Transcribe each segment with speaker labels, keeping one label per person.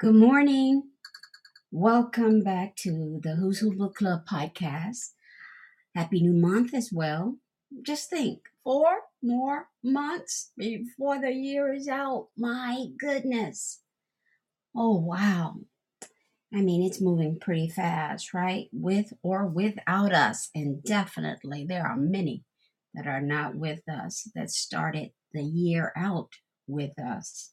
Speaker 1: Good morning. Welcome back to the Who's Who Book Club podcast. Happy new month as well. Just think, four more months before the year is out. My goodness. Oh, wow. I mean, it's moving pretty fast, right? With or without us. And definitely, there are many that are not with us that started the year out with us.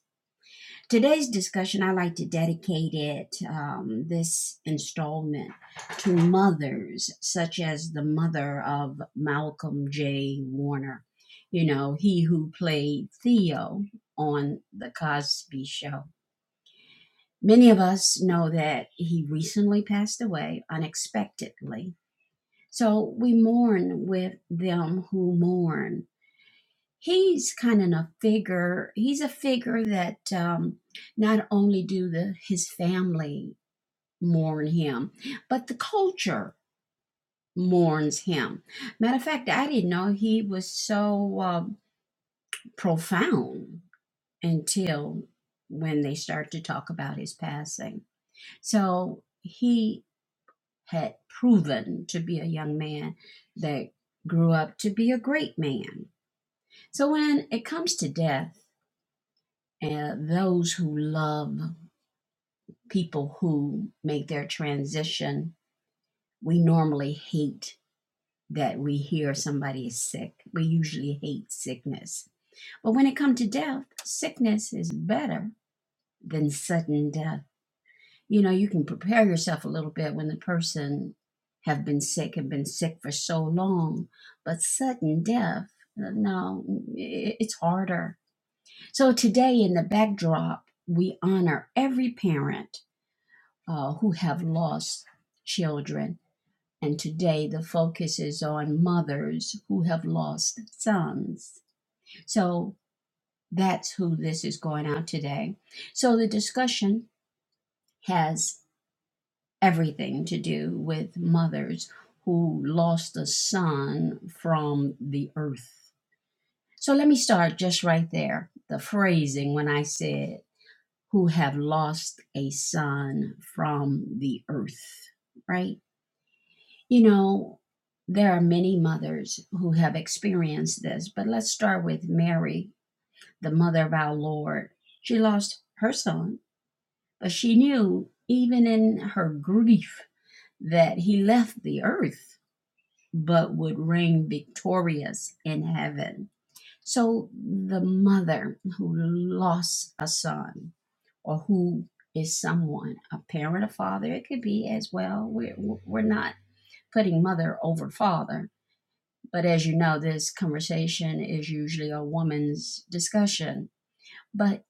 Speaker 1: Today's discussion, I like to dedicate it, um, this installment, to mothers such as the mother of Malcolm J. Warner, you know, he who played Theo on The Cosby Show. Many of us know that he recently passed away unexpectedly. So we mourn with them who mourn he's kind of a figure he's a figure that um, not only do the his family mourn him but the culture mourns him matter of fact i didn't know he was so uh, profound until when they start to talk about his passing so he had proven to be a young man that grew up to be a great man so when it comes to death and those who love people who make their transition, we normally hate that we hear somebody is sick. We usually hate sickness. But when it comes to death, sickness is better than sudden death. You know, you can prepare yourself a little bit when the person have been sick and been sick for so long, but sudden death, no, it's harder. So today in the backdrop, we honor every parent uh, who have lost children. And today the focus is on mothers who have lost sons. So that's who this is going out today. So the discussion has everything to do with mothers who lost a son from the earth. So let me start just right there. The phrasing when I said, who have lost a son from the earth, right? You know, there are many mothers who have experienced this, but let's start with Mary, the mother of our Lord. She lost her son, but she knew, even in her grief, that he left the earth but would reign victorious in heaven. So, the mother who lost a son or who is someone, a parent, a father, it could be as well. We're, we're not putting mother over father But as you know, this conversation is usually a woman's discussion. But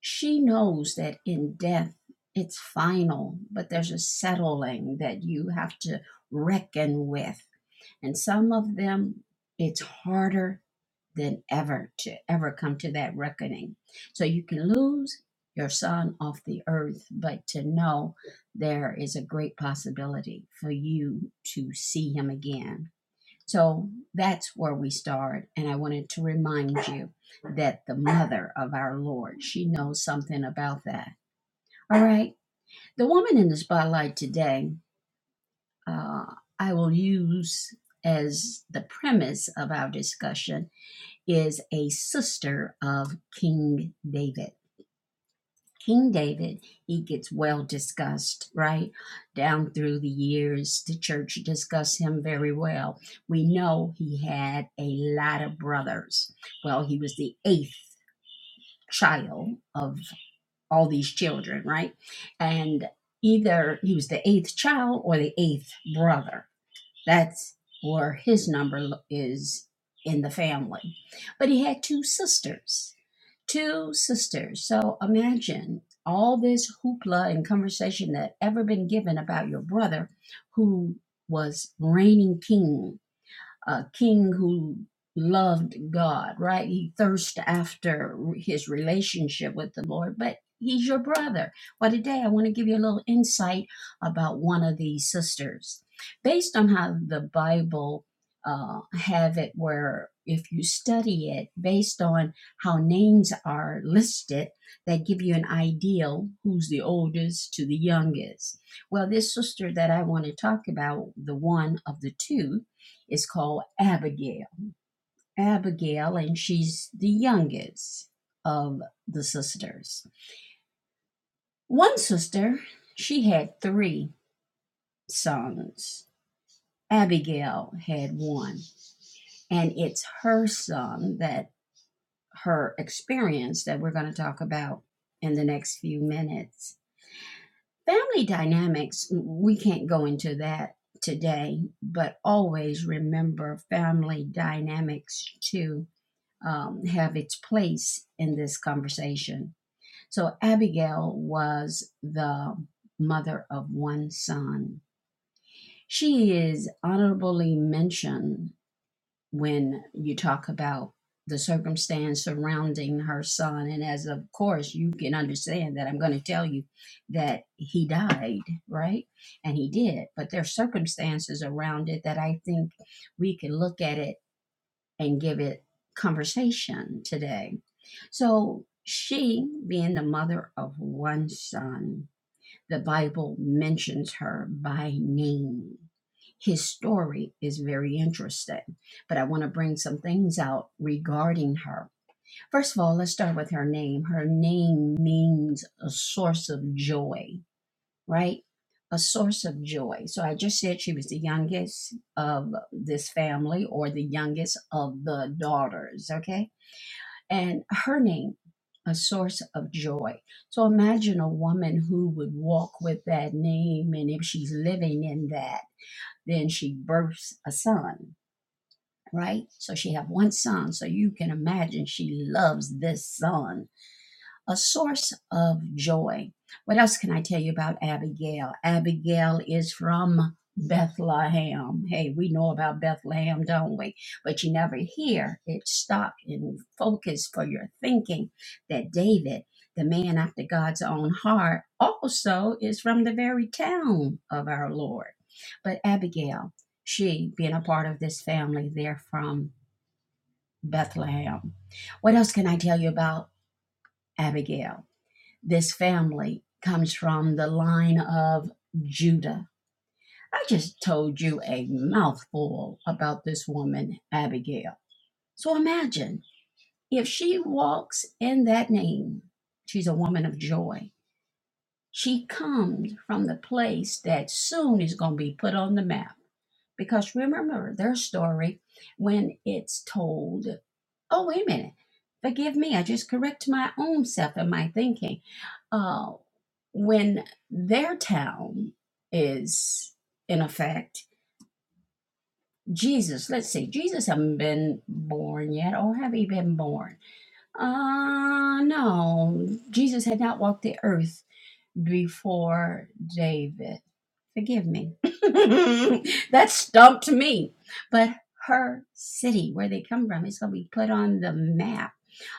Speaker 1: she knows that in death, it's final, but there's a settling that you have to reckon with. And some of them, it's harder than ever to ever come to that reckoning. So you can lose your son off the earth, but to know there is a great possibility for you to see him again so that's where we start. And I wanted to remind you that the mother of our Lord, she knows something about that. All right. The woman in the spotlight today, uh, I will use as the premise of our discussion, is a sister of King David. King David, he gets well discussed, right? Down through the years, the church discussed him very well. We know he had a lot of brothers. Well, he was the eighth child of all these children, right? And either he was the eighth child or the eighth brother. That's where his number lo- is in the family. But he had two sisters two sisters. So imagine all this hoopla and conversation that ever been given about your brother who was reigning king a king who loved God, right? He thirsted after his relationship with the Lord, but he's your brother. Well, today I want to give you a little insight about one of these sisters. Based on how the Bible uh, have it where if you study it based on how names are listed, that give you an ideal who's the oldest to the youngest. Well, this sister that I want to talk about, the one of the two, is called Abigail. Abigail, and she's the youngest of the sisters. One sister, she had three sons. Abigail had one, and it's her son that her experience that we're going to talk about in the next few minutes. Family dynamics, we can't go into that today, but always remember family dynamics too um, have its place in this conversation. So, Abigail was the mother of one son. She is honorably mentioned when you talk about the circumstance surrounding her son. And as of course, you can understand that I'm going to tell you that he died, right? And he did. But there are circumstances around it that I think we can look at it and give it conversation today. So, she, being the mother of one son, the Bible mentions her by name. His story is very interesting, but I want to bring some things out regarding her. First of all, let's start with her name. Her name means a source of joy right? A source of joy. So I just said she was the youngest of this family or the youngest of the daughters, okay? And her name, a source of joy. So imagine a woman who would walk with that name, and if she's living in that, then she births a son, right? So she have one son. So you can imagine she loves this son a source of joy. What else can I tell you about Abigail? Abigail is from Bethlehem. Hey, we know about Bethlehem, don't we? But you never hear it stop and focus for your thinking that David, the man after God's own heart, also is from the very town of our Lord. But Abigail, she being a part of this family, they're from Bethlehem. What else can I tell you about Abigail? This family comes from the line of Judah. I just told you a mouthful about this woman, Abigail. So imagine if she walks in that name, she's a woman of joy. She comes from the place that soon is going to be put on the map. Because remember their story when it's told oh wait a minute forgive me i just correct my own self and my thinking uh, when their town is in effect jesus let's see jesus has not been born yet or have he been born uh no jesus had not walked the earth before david Forgive me. that stumped me. But her city, where they come from, is going to be put on the map.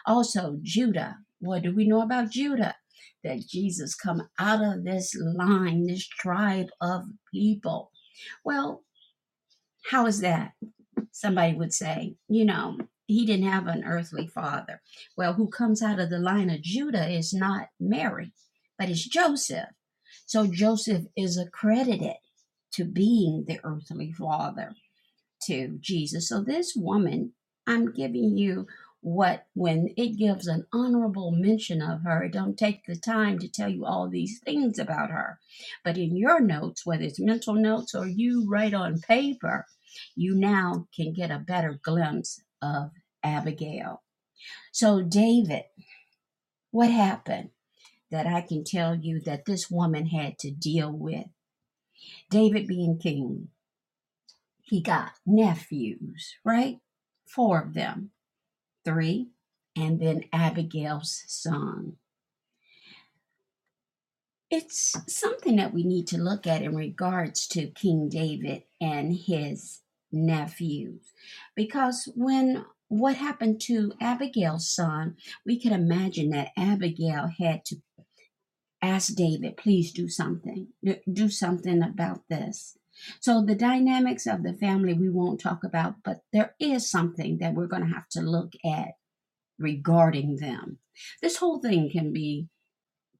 Speaker 1: Also, Judah. What do we know about Judah? That Jesus come out of this line, this tribe of people. Well, how is that? Somebody would say, you know, he didn't have an earthly father. Well, who comes out of the line of Judah is not Mary, but it's Joseph. So Joseph is accredited to being the earthly father to Jesus. So, this woman, I'm giving you what when it gives an honorable mention of her it don't take the time to tell you all these things about her but in your notes whether it's mental notes or you write on paper you now can get a better glimpse of abigail so david what happened that i can tell you that this woman had to deal with david being king he got nephews, right? Four of them, three, and then Abigail's son. It's something that we need to look at in regards to King David and his nephews. Because when what happened to Abigail's son, we can imagine that Abigail had to. ask David, please do something. Do something about this. So, the dynamics of the family we won't talk about, but there is something that we're going to have to look at regarding them. This whole thing can be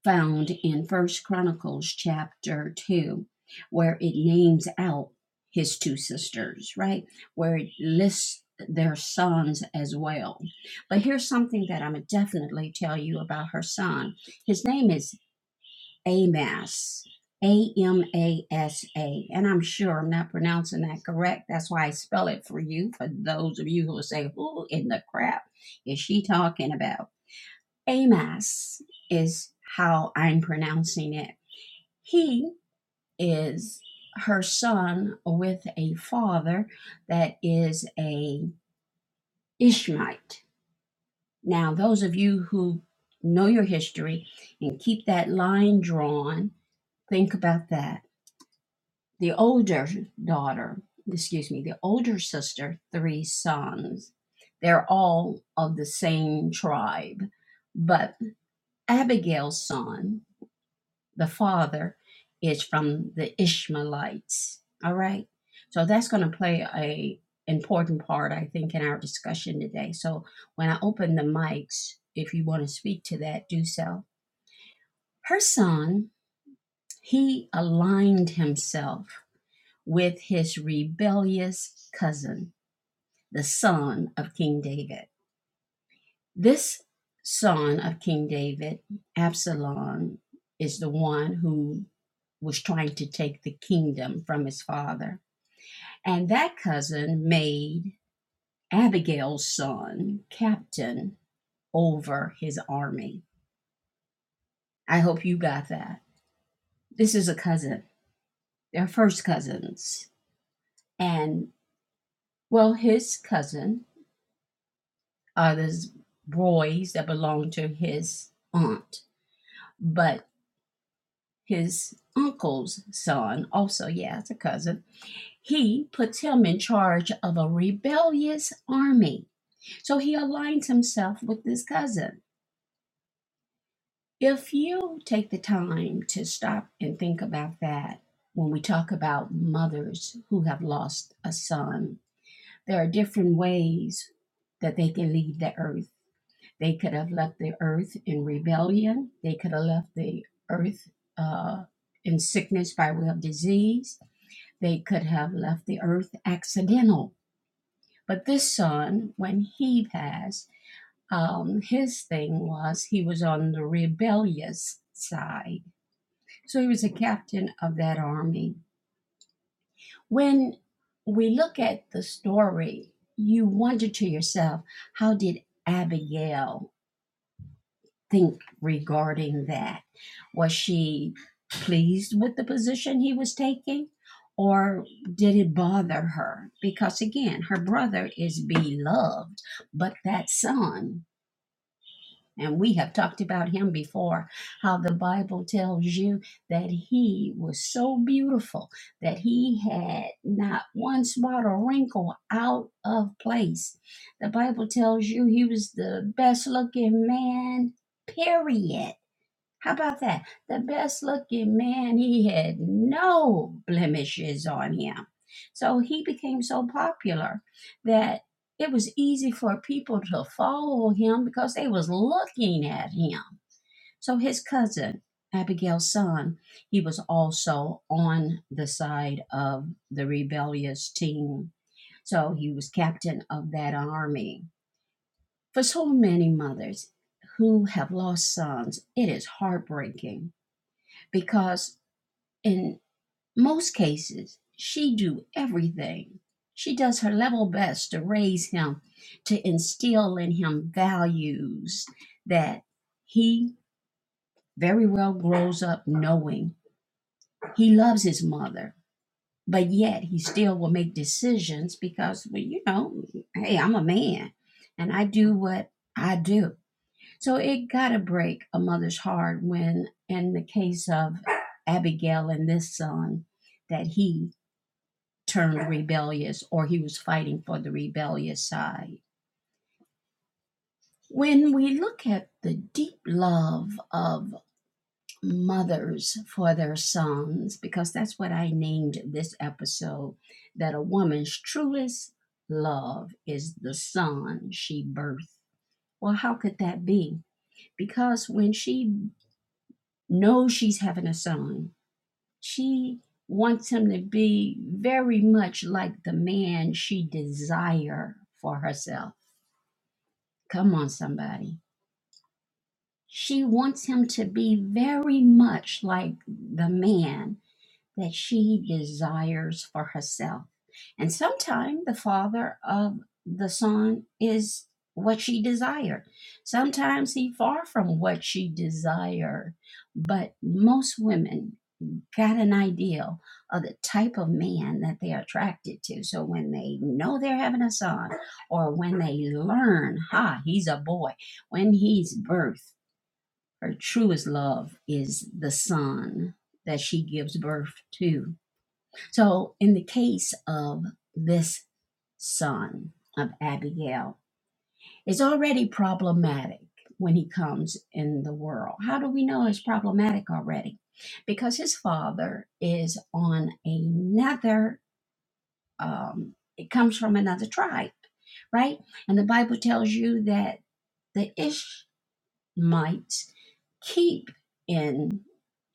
Speaker 1: found in First Chronicles chapter 2, where it names out his two sisters, right? Where it lists their sons as well. But here's something that I'm definitely tell you about her son. His name is AMAS, A M A S A. And I'm sure I'm not pronouncing that correct. That's why I spell it for you, for those of you who will say, Who in the crap is she talking about? AMAS is how I'm pronouncing it. He is her son with a father that is a Ishmaelite. Now, those of you who know your history and keep that line drawn, think about that the older daughter, excuse me, the older sister, three sons. They're all of the same tribe. But Abigail's son, the father, is from the Ishmaelites. All right. So that's going to play a important part, I think, in our discussion today. So when I open the mics, if you want to speak to that, do so. Her son, he aligned himself with his rebellious cousin, the son of King David. This son of King David, Absalom, is the one who was trying to take the kingdom from his father. And that cousin made Abigail's son captain over his army. I hope you got that. This is a cousin. They're first cousins. And well, his cousin uh, there's boys that belong to his aunt, but his uncle's son, also, yeah, it's a cousin, he puts him in charge of a rebellious army. So he aligns himself with this cousin. If you take the time to stop and think about that, when we talk about mothers who have lost a son, there are different ways that they can leave the earth They could have left the earth in rebellion. They could have left the earth uh, in sickness by way of disease. They could have left the earth accidental. But this son, when he passed, um, his thing was he was on the rebellious side. So he was a captain of that army. When we look at the story, you wonder to yourself, how did Abigail think regarding that? Was she pleased with the position he was taking? Or did it bother her? Because again, her brother is beloved, but that son, and we have talked about him before, how the Bible tells you that he was so beautiful that he had not one spot or wrinkle out of place. The Bible tells you he was the best looking man, period how about that? The best looking man, he had no blemishes on him. So he became so popular that it was easy for people to follow him because they was looking at him. So his cousin, Abigail's son, he was also on the side of the rebellious team. So he was captain of that army. For so many mothers who have lost sons, it is heartbreaking because in most cases she do everything she does her level best to raise him to instill in him values that he very well grows up knowing he loves his mother but yet he still will make decisions because well you know hey i'm a man and i do what i do So it got to break a mother's heart when, in the case of Abigail and this son, that he turned rebellious or he was fighting for the rebellious side. When we look at the deep love of mothers for their sons, because that's what I named this episode, that a woman's truest love is the son she birthed. Well, how could that be? Because when she knows she's having a son, She wants him to be very much like the man she desires for herself. Come on, somebody. She wants him to be very much like the man that she desires for herself. And sometimes the father of the son is what she desired. Sometimes he far from what she desired. But most women got an ideal of the type of man that they are attracted to. So when they know they're having a son, or when they learn, ha, he's a boy, when he's birth, her truest love is the son that she gives birth to. So in the case of this son of Abigail, is already problematic when he comes in the world. How do we know it's problematic already? Because his father is on another, um, it comes from another tribe, right? And the Bible tells you that the Ish might keep in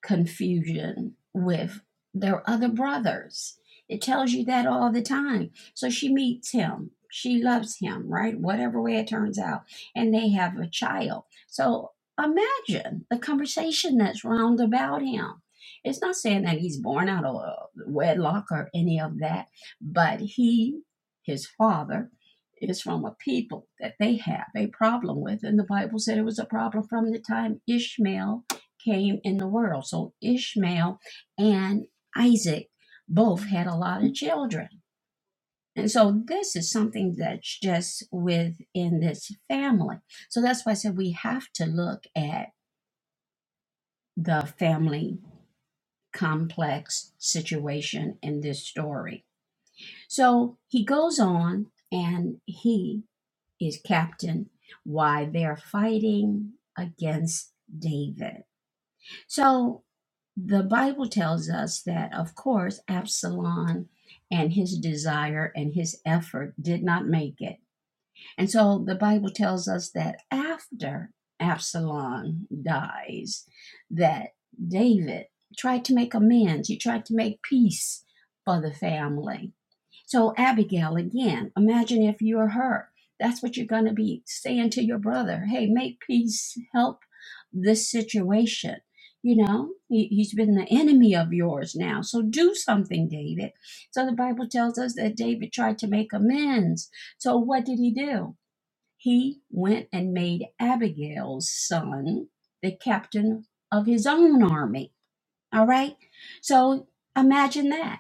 Speaker 1: confusion with their other brothers. It tells you that all the time. So she meets him. She loves him, right? Whatever way it turns out. And they have a child. So imagine the conversation that's round about him. It's not saying that he's born out of wedlock or any of that, but he, his father, is from a people that they have a problem with. And the Bible said it was a problem from the time Ishmael came in the world. So Ishmael and Isaac both had a lot of children. And so this is something that's just within this family. So that's why I said we have to look at the family complex situation in this story. So he goes on and he is captain, why they're fighting against David. So the Bible tells us that, of course, Absalom and his desire and his effort did not make it. And so the Bible tells us that after Absalom dies, that David tried to make amends, he tried to make peace for the family so, Abigail, again, imagine if you're her. That's what you're going to be saying to your brother. Hey, make peace, help this situation. You know, he, he's been the enemy of yours now. So do something, David. So the Bible tells us that David tried to make amends. So what did he do? He went and made Abigail's son the captain of his own army. All right. So imagine that.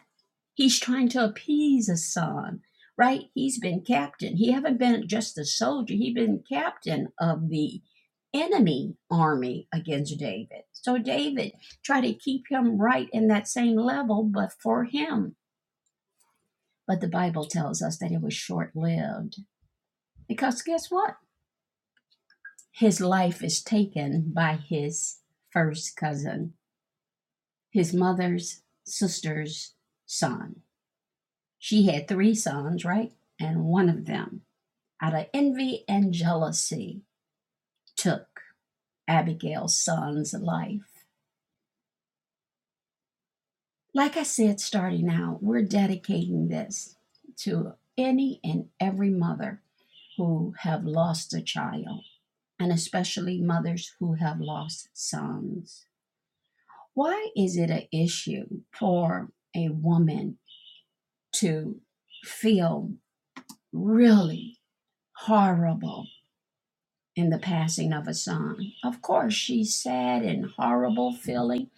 Speaker 1: He's trying to appease his son, right? He's been captain. He haven't been just a soldier. He's been captain of the enemy army against David. So David tried to keep him right in that same level, but for him. But the Bible tells us that it was short lived. Because guess what? His life is taken by his first cousin, his mother's sister's son. She had three sons, right? And one of them out of envy and jealousy, took Abigail's son's life. Like I said, starting out, we're dedicating this to any and every mother who have lost a child, and especially mothers who have lost sons. Why is it an issue for a woman to feel really horrible in the passing of a son? Of course, she's sad and horrible feeling,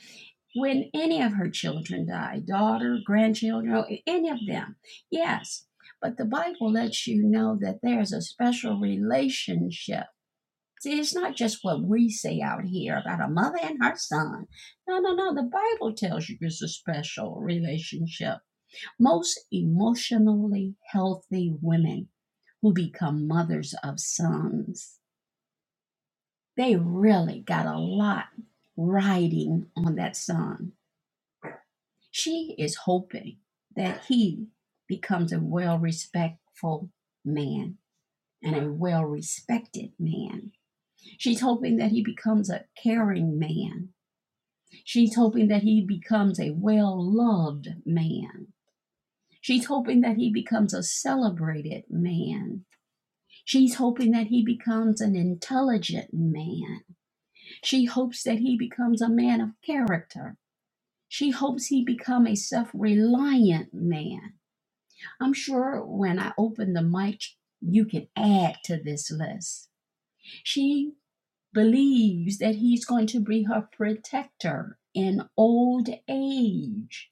Speaker 1: when any of her children die daughter, grandchildren, any of them. Yes, but the Bible lets you know that there's a special relationship. See, it's not just what we say out here about a mother and her son. No, no, no. The Bible tells you there's a special relationship. Most emotionally healthy women who become mothers of sons, they really got a lot riding on that son She is hoping that he becomes a well respectful man and a well respected man. She's hoping that he becomes a caring man. She's hoping that he becomes a well loved man. She's hoping that he becomes a celebrated man. She's hoping that he becomes an intelligent man. She hopes that he becomes a man of character. She hopes he become a self-reliant man. I'm sure when I open the mic, you can add to this list. She believes that he's going to be her protector in old age.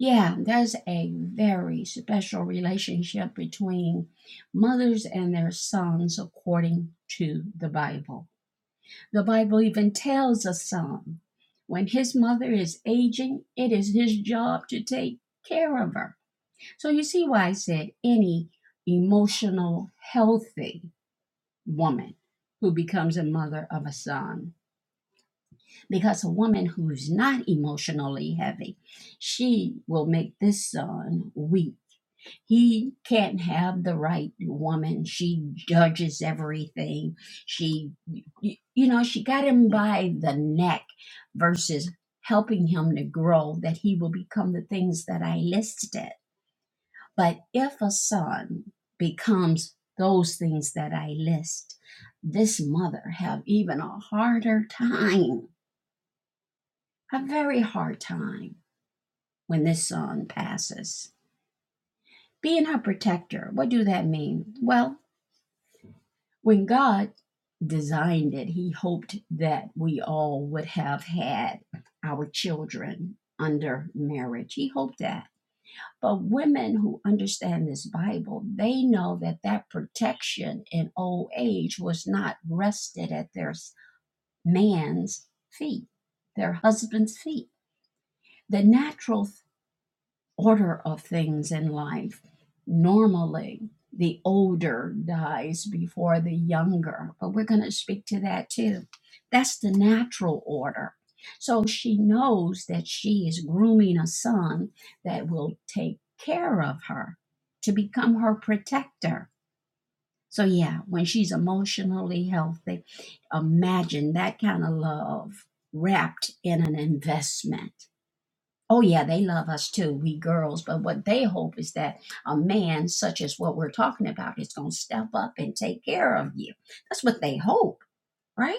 Speaker 1: Yeah, there's a very special relationship between mothers and their sons according to the Bible. The Bible even tells a son when his mother is aging, it is his job to take care of her. So you see why I said any emotional, healthy woman who becomes a mother of a son. Because a woman who's not emotionally heavy, she will make this son weak. He can't have the right woman. She judges everything. She, you know, she got him by the neck versus helping him to grow that he will become the things that I listed but if a son becomes those things that I list, this mother have even a harder time, a very hard time when this son passes. Being her protector, what do that mean? Well, when God designed it, he hoped that we all would have had our children under marriage. He hoped that. But women who understand this Bible, they know that that protection in old age was not rested at their man's feet, their husband's feet. The natural order of things in life. Normally, the older dies before the younger, but we're going to speak to that too. That's the natural order. So she knows that she is grooming a son that will take care of her to become her protector. So, yeah, when she's emotionally healthy, imagine that kind of love wrapped in an investment Oh, yeah, they love us too, we girls. But what they hope is that a man such as what we're talking about is going to step up and take care of you. That's what they hope, right?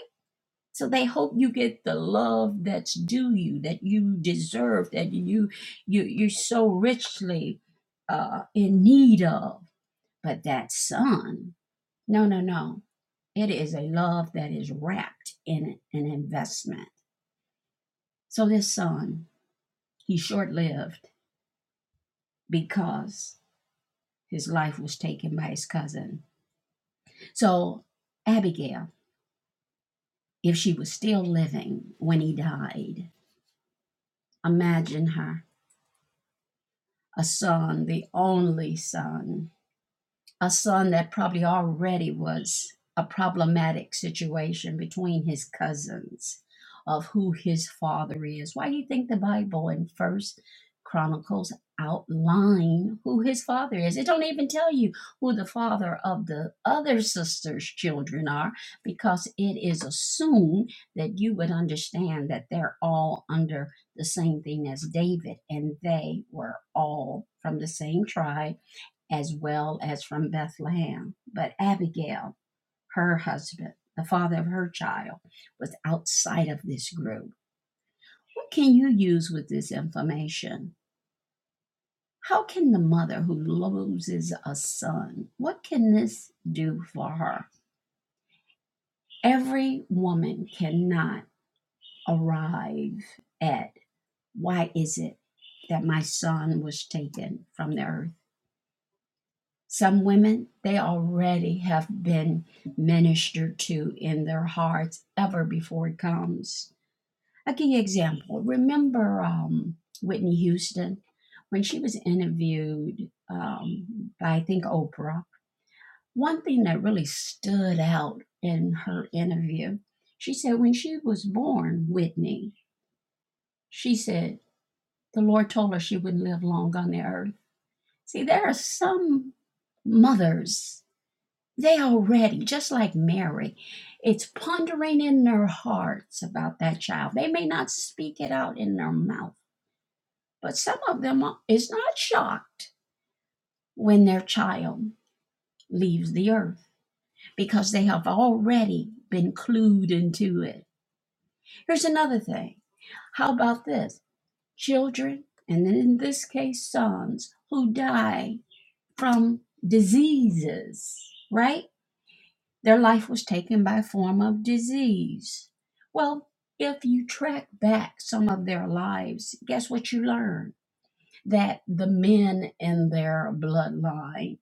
Speaker 1: So they hope you get the love that's due you, that you deserve, that you you you're so richly uh, in need of. But that son, no, no, no, it is a love that is wrapped in an investment. So this son, he short lived because his life was taken by his cousin. So, Abigail, if she was still living when he died, imagine her a son, the only son, a son that probably already was a problematic situation between his cousins of who his father is. Why do you think the Bible in First Chronicles outline who his father is? It don't even tell you who the father of the other sister's children are because it is assumed that you would understand that they're all under the same thing as David and they were all from the same tribe as well as from Bethlehem. But Abigail, her husband, the father of her child, was outside of this group. What can you use with this information? How can the mother who loses a son, what can this do for her? Every woman cannot arrive at why is it that my son was taken from the earth Some women, they already have been ministered to in their hearts ever before it comes. A key example remember um, Whitney Houston? When she was interviewed um, by, I think, Oprah, one thing that really stood out in her interview, she said, when she was born, Whitney, she said, the Lord told her she wouldn't live long on the earth. See, there are some mothers They already, just like Mary, it's pondering in their hearts about that child. They may not speak it out in their mouth, but some of them is not shocked when their child leaves the earth because they have already been clued into it. Here's another thing. How about this? Children, and in this case, sons who die from diseases, right? Their life was taken by a form of disease. Well, if you track back some of their lives, guess what you learn? That the men in their bloodline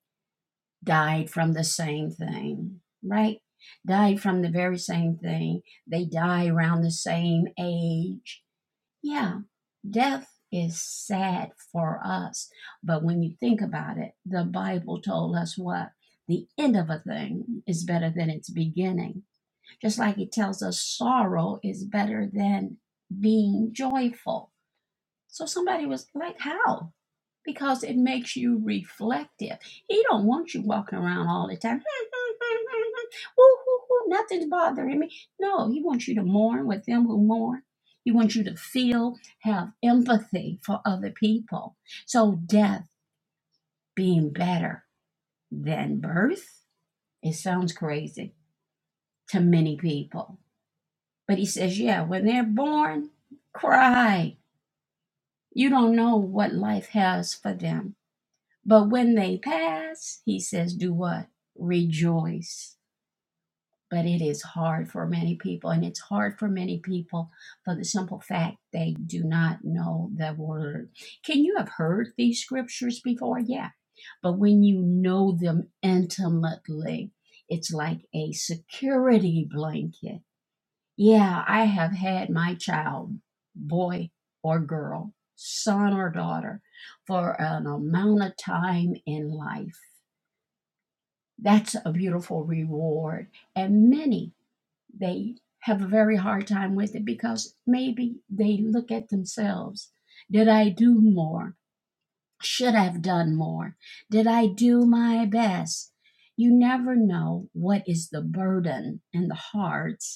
Speaker 1: died from the same thing, right? Died from the very same thing. They die around the same age. Yeah, death is sad for us. But when you think about it, the Bible told us what? The end of a thing is better than its beginning just like it tells us sorrow is better than being joyful. So somebody was like, how? Because it makes you reflective. He don't want you walking around all the time. Woo, woo, woo, nothing's bothering me. No, he wants you to mourn with them who mourn. He wants you to feel, have empathy for other people. So death being better than birth, it sounds crazy to many people But he says, yeah, when they're born, cry. You don't know what life has for them. But when they pass, he says, do what? Rejoice. But it is hard for many people, and it's hard for many people for the simple fact they do not know the word. Can you have heard these scriptures before? Yeah. But when you know them intimately, it's like a security blanket yeah, I have had my child, boy or girl, son or daughter, for an amount of time in life. That's a beautiful reward. And many, they have a very hard time with it because maybe they look at themselves. Did I do more? Should I have done more? Did I do my best? You never know what is the burden and the hearts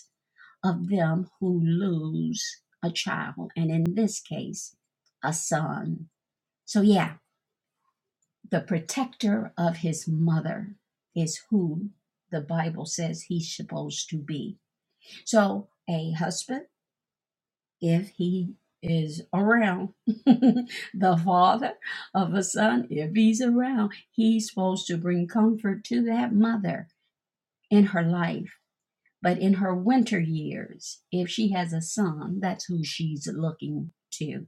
Speaker 1: of them who lose a child, and in this case, a son. So, yeah, the protector of his mother is who the Bible says he's supposed to be. So, a husband, if he is around the father of a son, if he's around, he's supposed to bring comfort to that mother in her life But in her winter years, if she has a son, that's who she's looking to.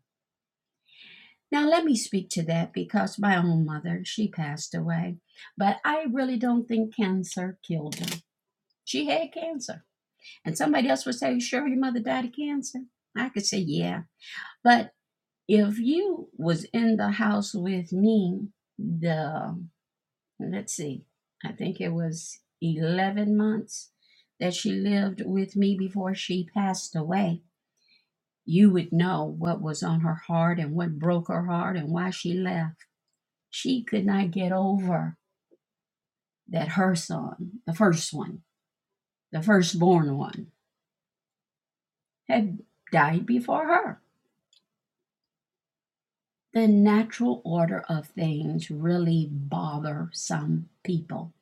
Speaker 1: Now, let me speak to that because my own mother, she passed away. But I really don't think cancer killed her. She had cancer. And somebody else would say, Sure, your mother died of cancer? I could say, Yeah. But if you was in the house with me, the, let's see, I think it was 11 months that she lived with me before she passed away You would know what was on her heart and what broke her heart and why she left. She could not get over that her son, the first one, the firstborn one, had died before her. The natural order of things really bother some people.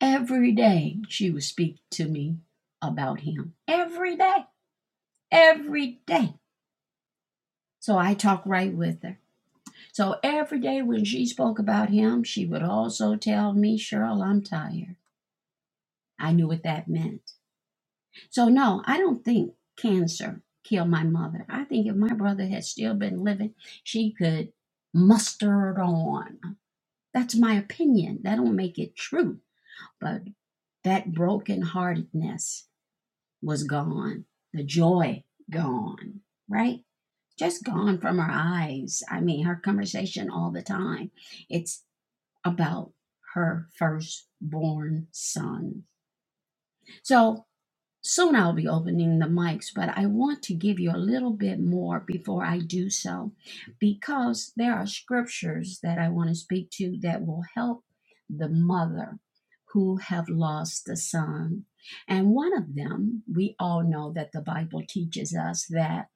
Speaker 1: Every day she would speak to me about him. Every day. Every day. So I talk right with her. So every day when she spoke about him, she would also tell me, Cheryl, I'm tired. I knew what that meant. So, no, I don't think cancer killed my mother. I think if my brother had still been living, she could muster it on. That's my opinion. That don't make it true. But that brokenheartedness was gone, the joy gone, right? Just gone from her eyes. I mean, her conversation all the time. It about her firstborn son. So soon I'll be opening the mics, but I want to give you a little bit more before I do so because there are scriptures that I want to speak to that will help the mother who have lost a son. And one of them, we all know that the Bible teaches us that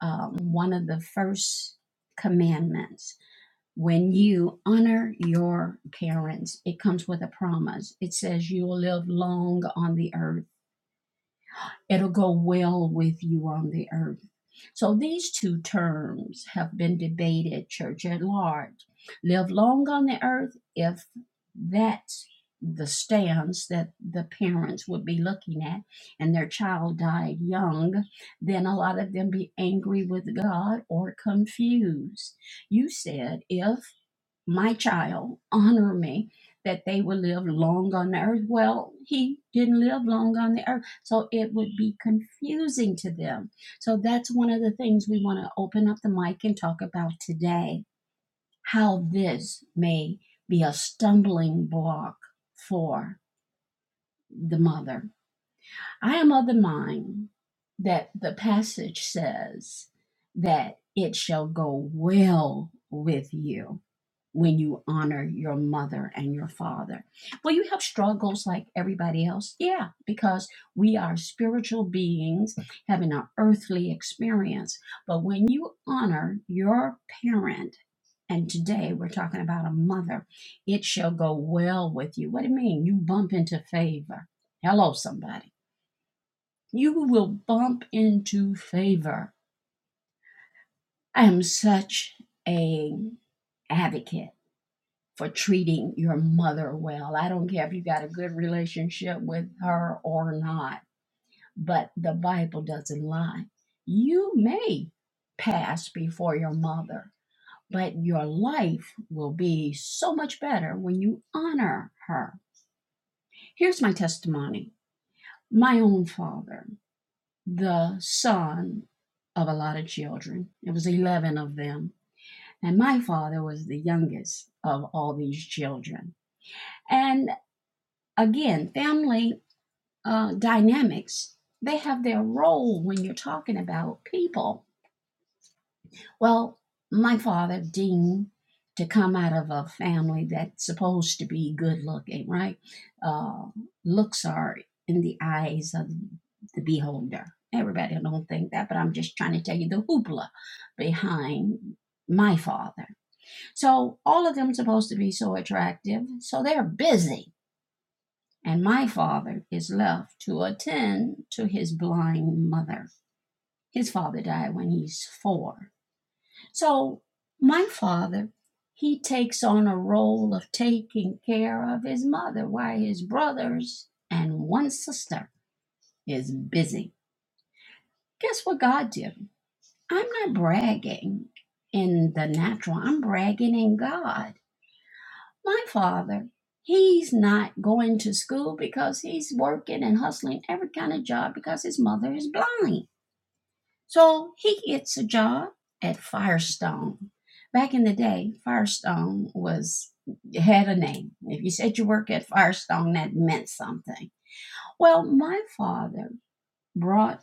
Speaker 1: um, one of the first commandments when you honor your parents, it comes with a promise. It says you will live long on the earth. It'll go well with you on the earth. So these two terms have been debated, church at large. Live long on the earth, if that's the stance that the parents would be looking at, and their child died young, then a lot of them be angry with God or confused. You said if my child, honor me that they will live long on the earth. Well, he didn't live long on the earth, so it would be confusing to them. So that's one of the things we want to open up the mic and talk about today how this may be a stumbling block for the mother. I am of the mind that the passage says that it shall go well with you when you honor your mother and your father. Will you have struggles like everybody else? Yeah, because we are spiritual beings having an earthly experience. But when you honor your parent, and today we're talking about a mother, it shall go well with you. What do you mean? You bump into favor. Hello, somebody. You will bump into favor. I am such a advocate for treating your mother well. I don't care if you got a good relationship with her or not, but the Bible doesn't lie. You may pass before your mother, but your life will be so much better when you honor her. Here's my testimony my own father, the son of a lot of children, it was 11 of them. And my father was the youngest of all these children. And again, family uh, dynamics, they have their role when you're talking about people. Well, my father, Dean, to come out of a family that's supposed to be good looking, right? Uh, looks are in the eyes of the beholder. Everybody don't think that, but I'm just trying to tell you the hoopla behind my father. So all of them supposed to be so attractive, so they're busy and my father is left to attend to his blind mother. His father died when he's four. So my father, he takes on a role of taking care of his mother while his brothers and one sister is busy. Guess what God did? I'm not bragging in the natural, I'm bragging in God My father, he's not going to school because he's working and hustling every kind of job because his mother is blind. So he gets a job at Firestone. Back in the day, Firestone was had a name. If you said you work at Firestone, that meant something. Well, my father brought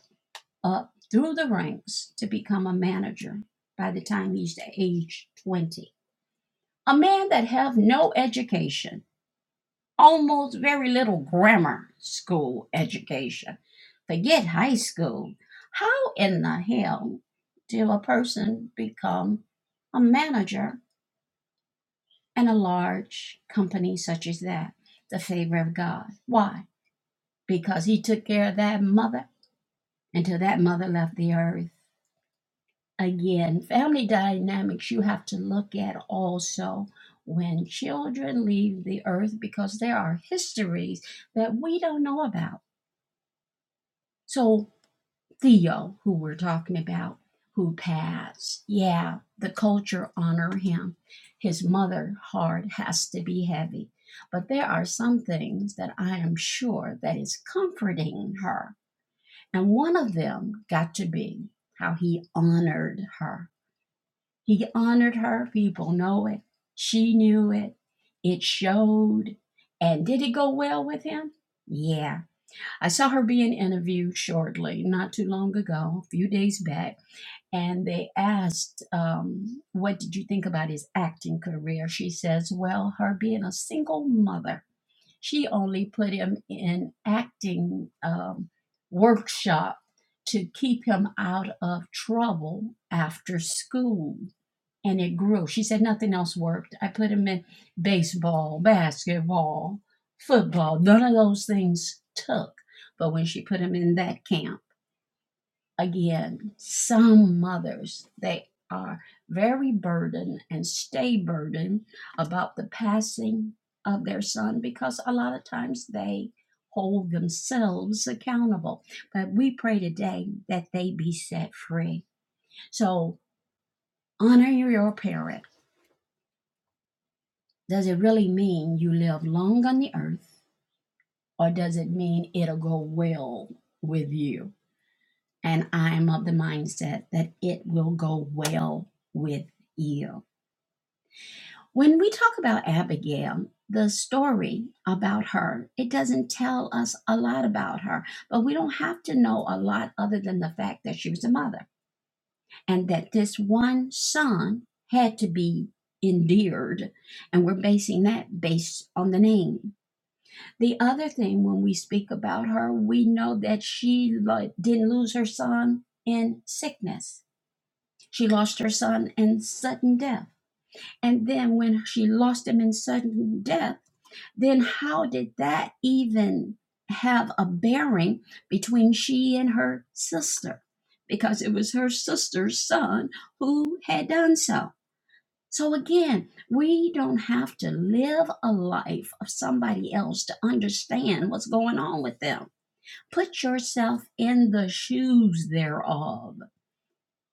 Speaker 1: up through the ranks to become a manager by the time he's age 20. A man that have no education almost very little grammar school education. Forget high school. How in the hell do a person become a manager in a large company such as that? The favor of God. Why? Because he took care of that mother until that mother left the earth. Again, family dynamics you have to look at also when children leave the earth because there are histories that we don't know about. So Theo, who we're talking about, who passed. Yeah, the culture honor him. His mother heart has to be heavy. But there are some things that I am sure that is comforting her. And one of them got to be how he honored her. He honored her. People know it. She knew it. It showed. And did it go well with him? Yeah. I saw her being interviewed shortly, not too long ago, a few days back, and they asked, um, What did you think about his acting career? She says, Well, her being a single mother, she only put him in acting um, workshop to keep him out of trouble after school and it grew. She said nothing else worked. I put him in baseball, basketball, football. None of those things took. But when she put him in that camp, again, some mothers, they are very burdened and stay burdened about the passing of their son because a lot of times they hold themselves accountable. But we pray today that they be set free. So honor your parents Does it really mean you live long on the earth, or does it mean it'll go well with you? And I'm of the mindset that it will go well with you. When we talk about Abigail, the story about her, it doesn't tell us a lot about her, but we don't have to know a lot other than the fact that she was a mother and that this one son had to be endeared. And we're basing that based on the name The other thing, when we speak about her, we know that she lo- didn't lose her son in sickness. She lost her son in sudden death. And then, when she lost him in sudden death, then how did that even have a bearing between she and her sister? Because it was her sister's son who had done so. So again, we don't have to live a life of somebody else to understand what's going on with them. Put yourself in the shoes thereof.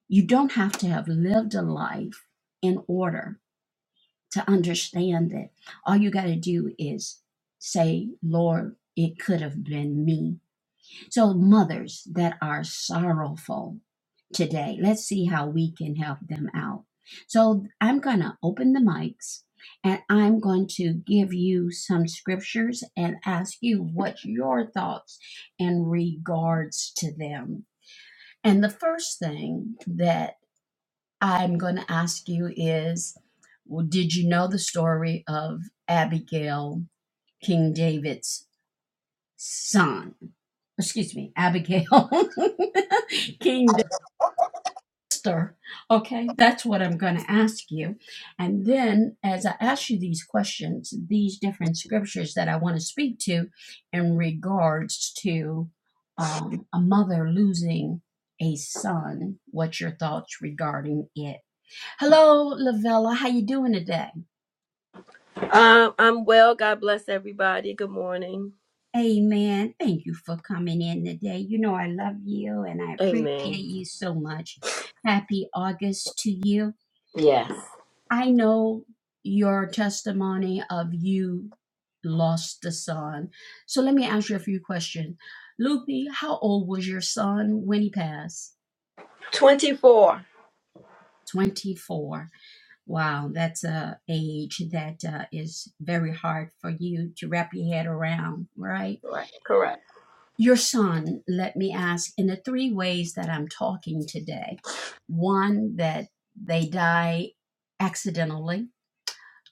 Speaker 1: You don't have to have lived a life in order to understand it. All you got to do is say, Lord, it could have been me so, mothers that are sorrowful today, let's see how we can help them out. So, I'm going to open the mics and I'm going to give you some scriptures and ask you what your thoughts in regards to them. And the first thing that I'm going to ask you is well, Did you know the story of Abigail, King David's son, excuse me, Abigail, King Dexter. Okay, that's what I'm going to ask you. And then, as I ask you these questions, these different scriptures that I want to speak to in regards to um, a mother losing a son, what's your thoughts regarding it? Hello, Lavella. How you doing today?
Speaker 2: Um, I'm well. God bless everybody. Good morning.
Speaker 1: Amen. Thank you for coming in today. You know, I love you and I
Speaker 2: Amen.
Speaker 1: appreciate you so much. Happy August to you.
Speaker 2: Yes.
Speaker 1: I know your testimony of you lost the son. So let me ask you a few questions. Lupi, how old was your son when he passed?
Speaker 2: 24.
Speaker 1: 24. Wow, that's a age that uh, is very hard for you to wrap your head around, right?
Speaker 2: Correct. Correct.
Speaker 1: your son, let me ask, in the three ways that I'm talking today one, that they die accidentally,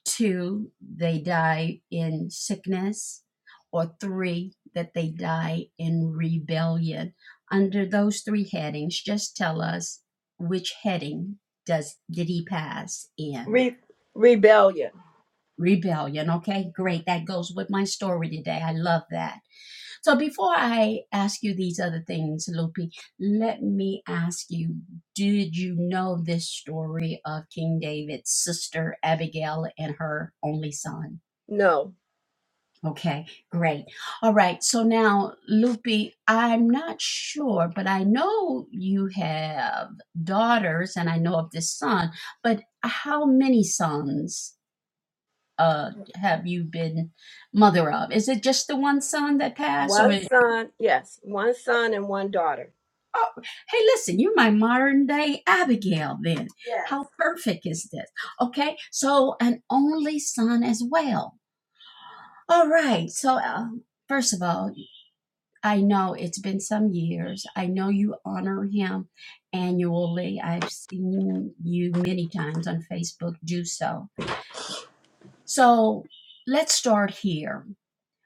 Speaker 1: two, they die in sickness, or three, that they die in rebellion. Under those three headings, just tell us which heading does did he pass in
Speaker 2: Re- rebellion.
Speaker 1: rebellion okay great that goes with my story today i love that so before I ask you these other things, Lopi, let me ask you, did you know this story of King David's sister Abigail and her only son?
Speaker 2: No.
Speaker 1: Okay, great. All right, so now, Lupi, I'm not sure, but I know you have daughters and I know of this son, but how many sons uh, have you been mother of? Is it just the one son that passed,
Speaker 2: One
Speaker 1: or
Speaker 2: son. Yes. One son and one daughter.
Speaker 1: Oh, hey, listen, you're my modern day Abigail, then.
Speaker 2: Yes.
Speaker 1: How perfect is this? Okay, so an only son as well. All right, so uh, first of all, I know it's been some years. I know you honor him annually. I've seen you many times on Facebook do so. So let's start here.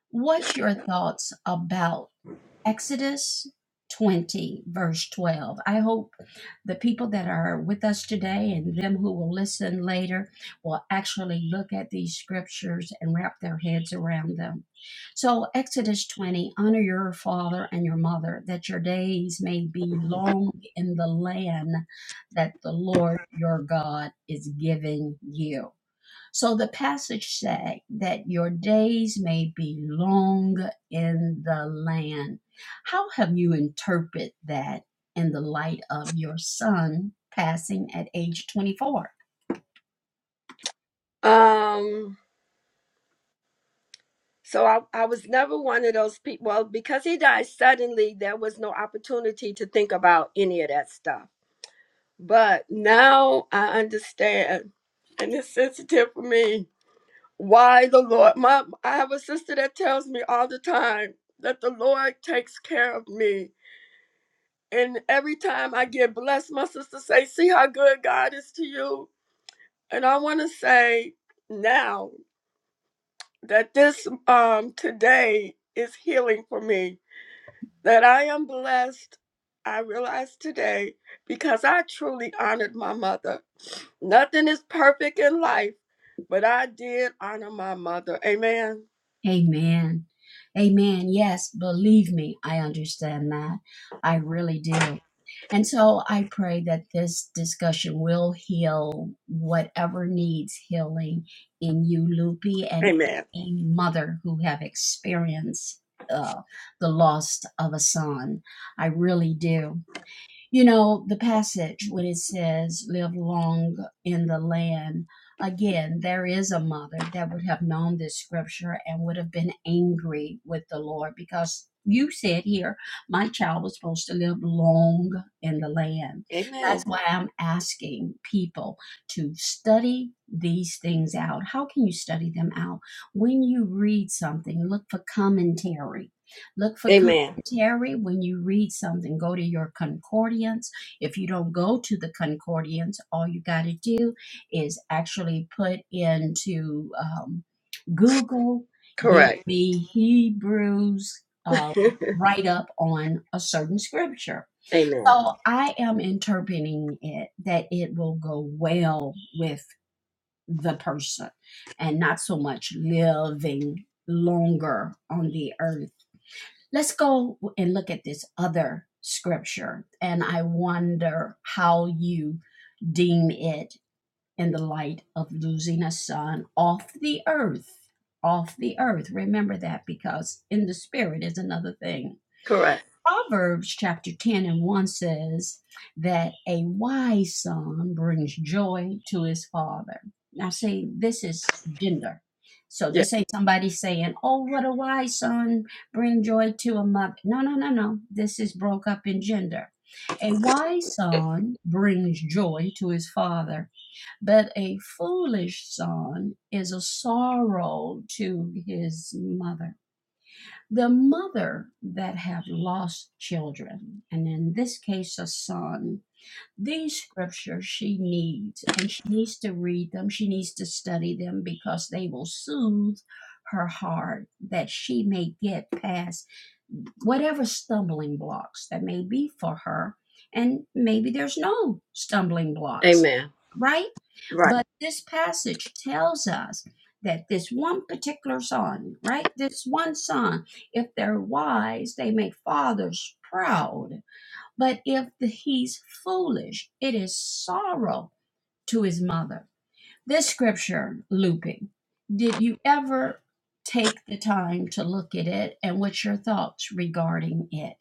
Speaker 1: What's your thoughts about? Exodus 20, verse 12. I hope the people that are with us today and them who will listen later will actually look at these scriptures and wrap their heads around them. So, Exodus 20 honor your father and your mother, that your days may be long in the land that the Lord your God is giving you. So the passage said that your days may be long in the land. How have you interpreted that in the light of your son passing at age 24?
Speaker 2: Um, so I, I was never one of those people. Well, because he died suddenly, there was no opportunity to think about any of that stuff. But now I understand, and it's sensitive for me Why the Lord? My I have a sister that tells me all the time that the Lord takes care of me. And every time I get blessed, my sister say, "See how good God is to you." And I want to say now that this um today is healing for me. That I am blessed. I realize today because I truly honored my mother. Nothing is perfect in life, but I did honor my mother. Amen.
Speaker 1: Amen. Amen. Yes, believe me, I understand that. I really do. And so I pray that this discussion will heal whatever needs healing in you, Loopy, and
Speaker 2: Amen.
Speaker 1: any mother who have experienced uh, the loss of a son. I really do. You know, the passage when it says, live long in the land, again, there is a mother that would have known this scripture and would have been angry with the Lord because you said here, my child was supposed to live long in the land. That's
Speaker 2: Amen.
Speaker 1: why I'm asking people to study these things out. How can you study them out? When you read something, look for commentary. Look for com-
Speaker 2: Amen.
Speaker 1: commentary, when you read something, go to your concordance. If you don't go to the concordance, all you got to do is actually put into um, Google, give
Speaker 2: Correct.
Speaker 1: me Hebrews uh, write up on a certain scripture.
Speaker 2: Amen.
Speaker 1: So I am interpreting it that it will go well with the person and not so much living longer on the earth Let's go and look at this other scripture, and I wonder how you deem it in the light of losing a son off the earth. Off the earth. Remember that because in the spirit is another thing.
Speaker 2: Correct.
Speaker 1: Proverbs chapter 10 and 1 says that a wise son brings joy to his father. Now, see, this is gender. So
Speaker 2: Yeah.
Speaker 1: this ain't somebody saying, oh, what a wise son, bring joy to a mother. No, no, no, no. This is broke up in gender. A wise son brings joy to his father, but a foolish son is a sorrow to his mother the mother that have lost children, and in this case, a son, these scriptures she needs, and she needs to read them, she needs to study them because they will soothe her heart that she may get past whatever stumbling blocks that may be for her. And maybe there's no stumbling blocks,
Speaker 2: Amen.
Speaker 1: right?
Speaker 2: Right.
Speaker 1: But this passage tells us that this one particular song, right? This one song, if they're wise, they make fathers proud. But if the, he's foolish, it is sorrow to his mother. This scripture looping, did you ever take the time to look at it and what's your thoughts regarding it?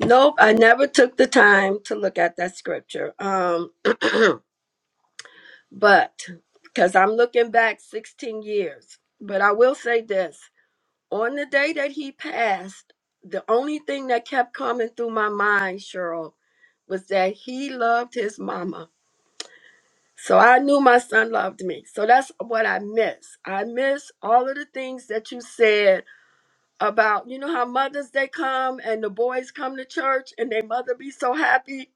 Speaker 2: Nope. I never took the time to look at that scripture. Um, but because I'm looking back 16 years. But I will say this on the day that he passed, the only thing that kept coming through my mind, Cheryl, was that he loved his mama. So I knew my son loved me. So that's what I miss. I miss all of the things that you said about you know how mothers they come and the boys come to church and their mother be so happy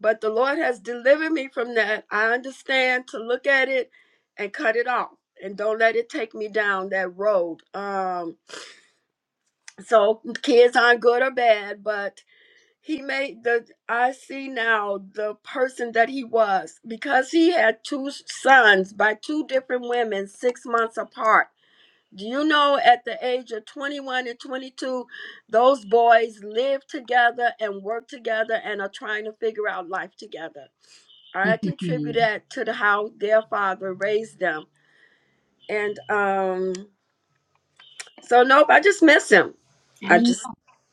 Speaker 2: but the lord has delivered me from that i understand to look at it and cut it off and don't let it take me down that road um so kids aren't good or bad but he made the i see now the person that he was because he had two sons by two different women six months apart do you know at the age of 21 and 22, those boys live together and work together and are trying to figure out life together? I contribute that to the how their father raised them. And um, so, nope, I just miss him. I
Speaker 1: I
Speaker 2: just,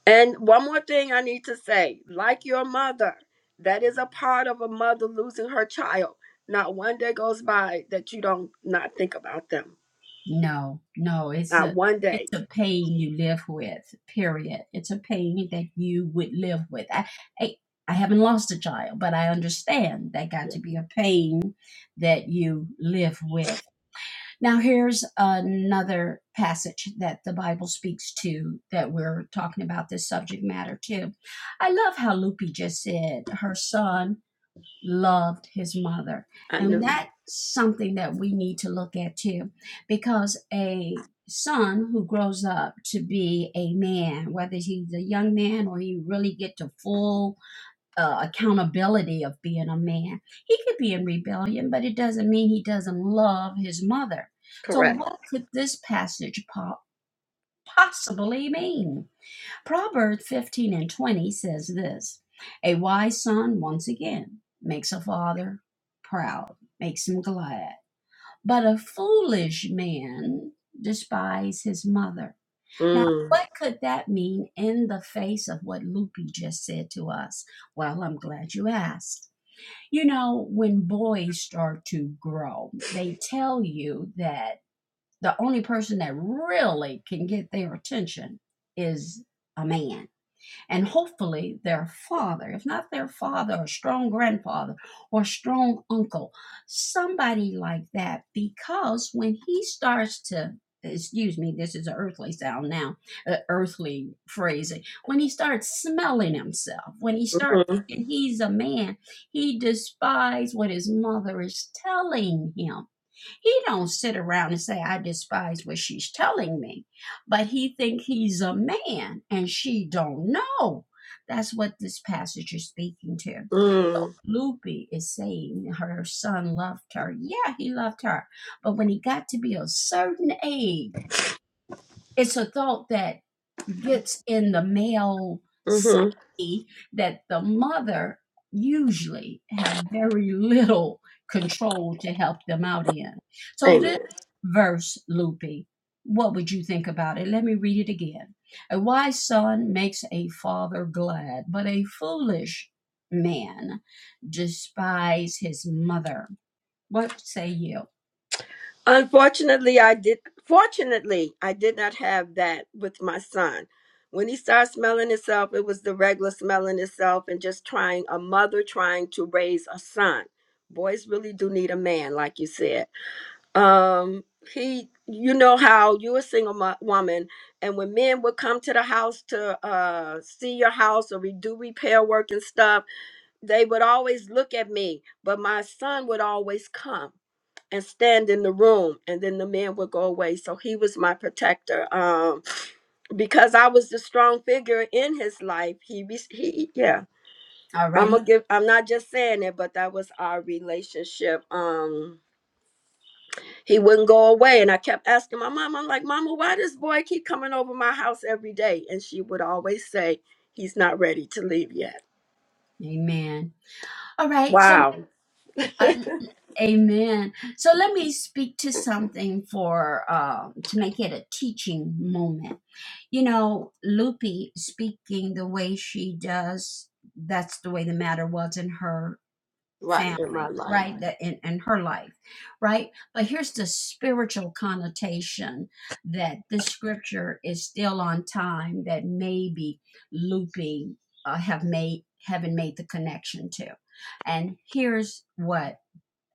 Speaker 2: and one more thing I need to say like your mother, that is a part of a mother losing her child. Not one day goes by that you don't not think about them.
Speaker 1: no, no, it's
Speaker 2: Not
Speaker 1: a
Speaker 2: one day.
Speaker 1: it's a pain you live with, period. It's a pain that you would live with. I, I I haven't lost a child, but I understand that got
Speaker 2: Yeah.
Speaker 1: to be a pain that you live with. Now, here's another passage that the Bible speaks to that we're talking about this subject matter too. I love how Lupi just said her son loved his mother.
Speaker 2: I
Speaker 1: And
Speaker 2: knew.
Speaker 1: that's something that we need to look at too, because a son who grows up to be a man, whether he's a young man or he really get to full uh, accountability of being a man. He could be in rebellion, but it doesn't mean he doesn't love his mother. So,
Speaker 2: Correct.
Speaker 1: what could this passage po- possibly mean? Proverbs 15 and 20 says this A wise son, once again, makes a father proud, makes him glad. But a foolish man despises his mother. Now,
Speaker 2: Mm.
Speaker 1: what could that mean in the face of what Lupe just said to us? Well, I'm glad you asked. You know, when boys start to grow, they tell you that the only person that really can get their attention is a man and hopefully their father, if not their father, a strong grandfather or strong uncle, somebody like that, because when he starts to excuse me this is an earthly sound now uh, earthly phrasing when he starts smelling himself when he starts
Speaker 2: Mm-hmm.
Speaker 1: and he's a man he despises what his mother is telling him he don't sit around and say, I despise what she's telling me. But he think he's a man and she don't know. That's what this passage is speaking to.
Speaker 2: Mm-hmm.
Speaker 1: Loopy is saying her son loved her. Yeah, he loved her. But when he got to be a certain age, it's a thought that gets in the male
Speaker 2: Mm-hmm.
Speaker 1: psyche that the mother usually have very little control to help them out in. So this
Speaker 2: Amen.
Speaker 1: verse, Loopy, what would you think about it? Let me read it again. A wise son makes a father glad, but a foolish man despise his mother. What say you?
Speaker 2: Unfortunately, I did. Fortunately, I did not have that with my son. When he started smelling himself, it was the regular smelling himself and just trying a mother trying to raise a son. Boys really do need a man, like you said. Um, he, you know how you're a single mo- woman, and when men would come to the house to uh, see your house or re- do repair work and stuff, they would always look at me, but my son would always come and stand in the room, and then the men would go away. So he was my protector. Um, because I was the strong figure in his life. He, re- he, yeah.
Speaker 1: All
Speaker 2: I'm
Speaker 1: righty,
Speaker 2: gonna give. I'm not just saying it, but that was our relationship. Um, he wouldn't go away, and I kept asking my mom. I'm like, Mama, why does boy keep coming over my house every day? And she would always say, He's not ready to leave yet.
Speaker 1: amen. All right, so
Speaker 2: Wow.
Speaker 1: uh, Amen. So let me speak to something for uh, to make it a teaching moment. You know, Loopy speaking the way she does, that's the way the matter was in her
Speaker 2: Right in my
Speaker 1: family,
Speaker 2: life.
Speaker 1: right? That in, in her life, right? But here's the spiritual connotation that this scripture is still on time that maybe Loopy uh, have made haven't made the connection to. And here's what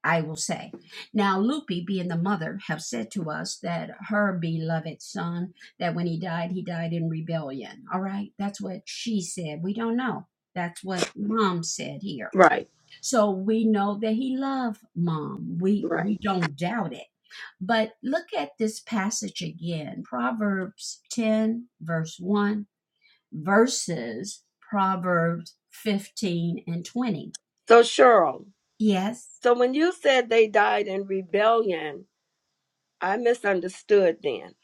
Speaker 1: I will say. Now, Lupi, being the mother, have said to us that her beloved son, that when he died, he died in rebellion. All right, that's what she said. We don't know. That's what mom said here.
Speaker 2: Right.
Speaker 1: So we know that he loved mom. We
Speaker 2: Right.
Speaker 1: we don't doubt it. But look at this passage again. Proverbs 10 verse 1 verses Proverbs 15 and 20.
Speaker 2: So, Cheryl,
Speaker 1: Yes.
Speaker 2: so when you said they died in rebellion, I misunderstood then.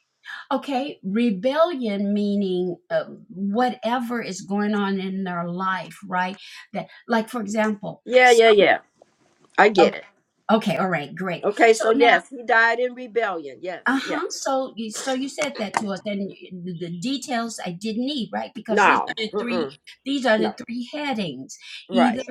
Speaker 1: Okay, rebellion meaning uh, whatever is going on in their life, right? That, like, for example,
Speaker 2: Yeah,
Speaker 1: so,
Speaker 2: yeah, yeah. I
Speaker 1: okay,
Speaker 2: get it.
Speaker 1: okay, all right, great.
Speaker 2: Okay,
Speaker 1: So
Speaker 2: so
Speaker 1: now
Speaker 2: yes, he died in rebellion. Yes, yes.
Speaker 1: Uh-huh. So you so you said that to us and the the details I didn't need, right? Because these are
Speaker 2: No.
Speaker 1: the three
Speaker 2: Mm-mm.
Speaker 1: these are
Speaker 2: No.
Speaker 1: the three headings. Either
Speaker 2: Right.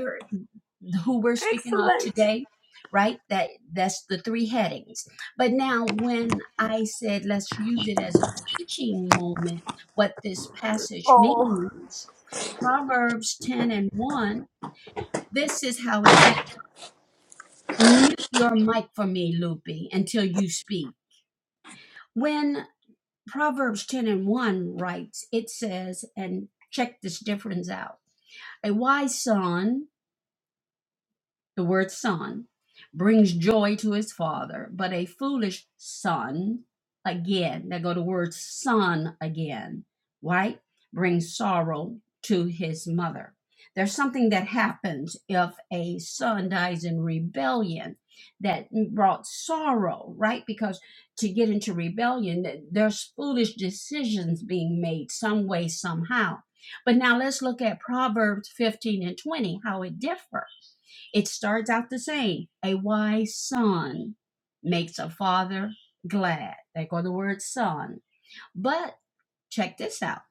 Speaker 1: who we're speaking of
Speaker 2: Excellent.
Speaker 1: today, right? That that's the three headings. But now when I said let's use it as a teaching moment, what this passage
Speaker 2: Oh,
Speaker 1: means, Proverbs 10 and 1, this is how it differs. Mute your mic for me, Loopy, until you speak. When Proverbs 10 and 1 writes, it says, and check this difference out a wise son the word son brings joy to his father, but a foolish son, again, there go the word son again, right? Brings sorrow to his mother. There's something that happens if a son dies in rebellion that brought sorrow, right? Because to get into rebellion, th- there's foolish decisions being made some way, somehow. But now let's look at Proverbs 15 and 20, how it differs it starts out the same. A wise son makes a father glad. They go the word son. But check this out.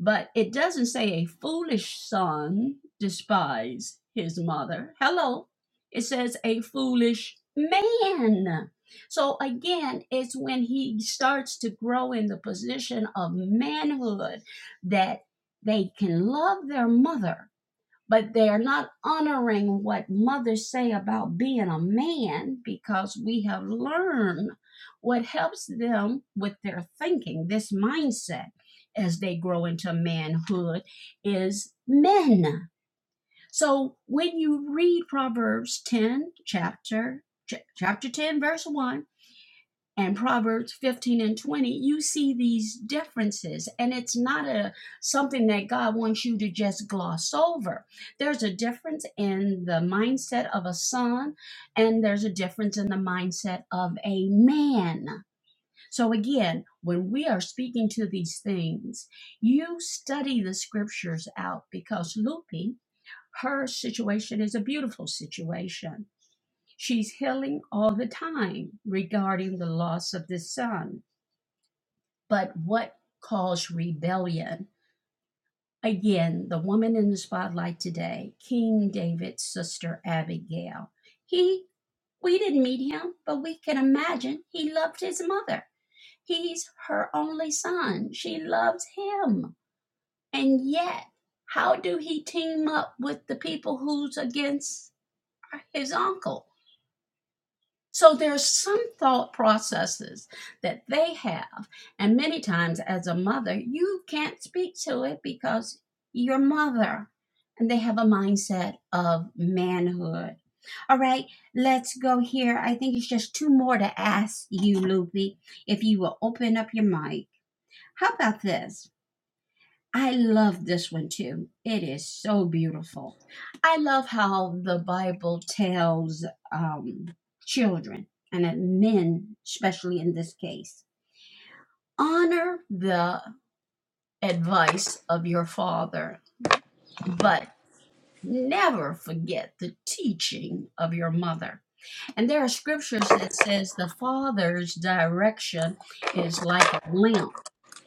Speaker 1: But it doesn't say a foolish son despise his mother. Hello. It says a foolish man. So again, it's when he starts to grow in the position of manhood that they can love their mother but they're not honoring what mothers say about being a man because we have learned what helps them with their thinking this mindset as they grow into manhood is men so when you read proverbs 10 chapter ch- chapter 10 verse 1 and Proverbs 15 and 20, you see these differences. And it's not a something that God wants you to just gloss over. There's a difference in the mindset of a son, and there's a difference in the mindset of a man. So again, when we are speaking to these things, you study the scriptures out because Lupe, her situation is a beautiful situation. She's healing all the time regarding the loss of this son but what caused rebellion? Again, the woman in the spotlight today, King David's sister Abigail. He, we didn't meet him, but we can imagine he loved his mother. He's her only son. She loves him. And yet, how do he team up with the people who's against his uncle? So there's some thought processes that they have. And many times as a mother, you can't speak to it because you're mother. And they have a mindset of manhood. All right, let's go here. I think it's just two more to ask you, Lupi, if you will open up your mic. How about this? I love this one too. It is so beautiful. I love how the Bible tells um, children and uh, men, especially in this case, honor the advice of your father, but never forget the teaching of your mother. And there are scriptures that says the father's direction is like a lamp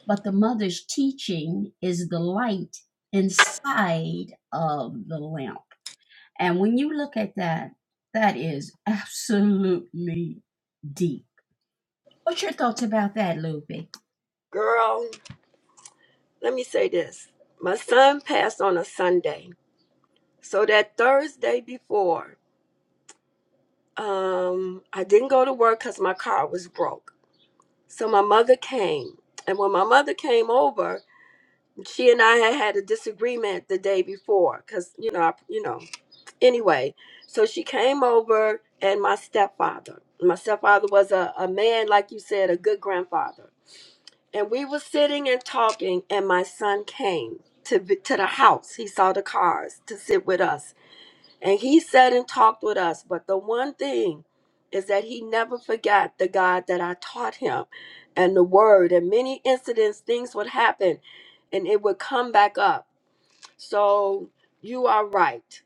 Speaker 1: but the mother's teaching is the light inside of the lamp. And when you look at that, that is absolutely deep. What's your thoughts about that, Lupe?
Speaker 2: girl, let me say this. My son passed on a Sunday. So that Thursday before, um, I didn't go to work because my car was broke. So my mother came. And when my mother came over, she and I had had a disagreement the day before because you know I, you know anyway so she came over and my stepfather my stepfather was a, a man like you said a good grandfather and we were sitting and talking and my son came to vi- to the house he saw the cars to sit with us and he sat and talked with us but the one thing is that he never forgot the God that I taught him and the word and many incidents things would happen and it would come back up so you are right.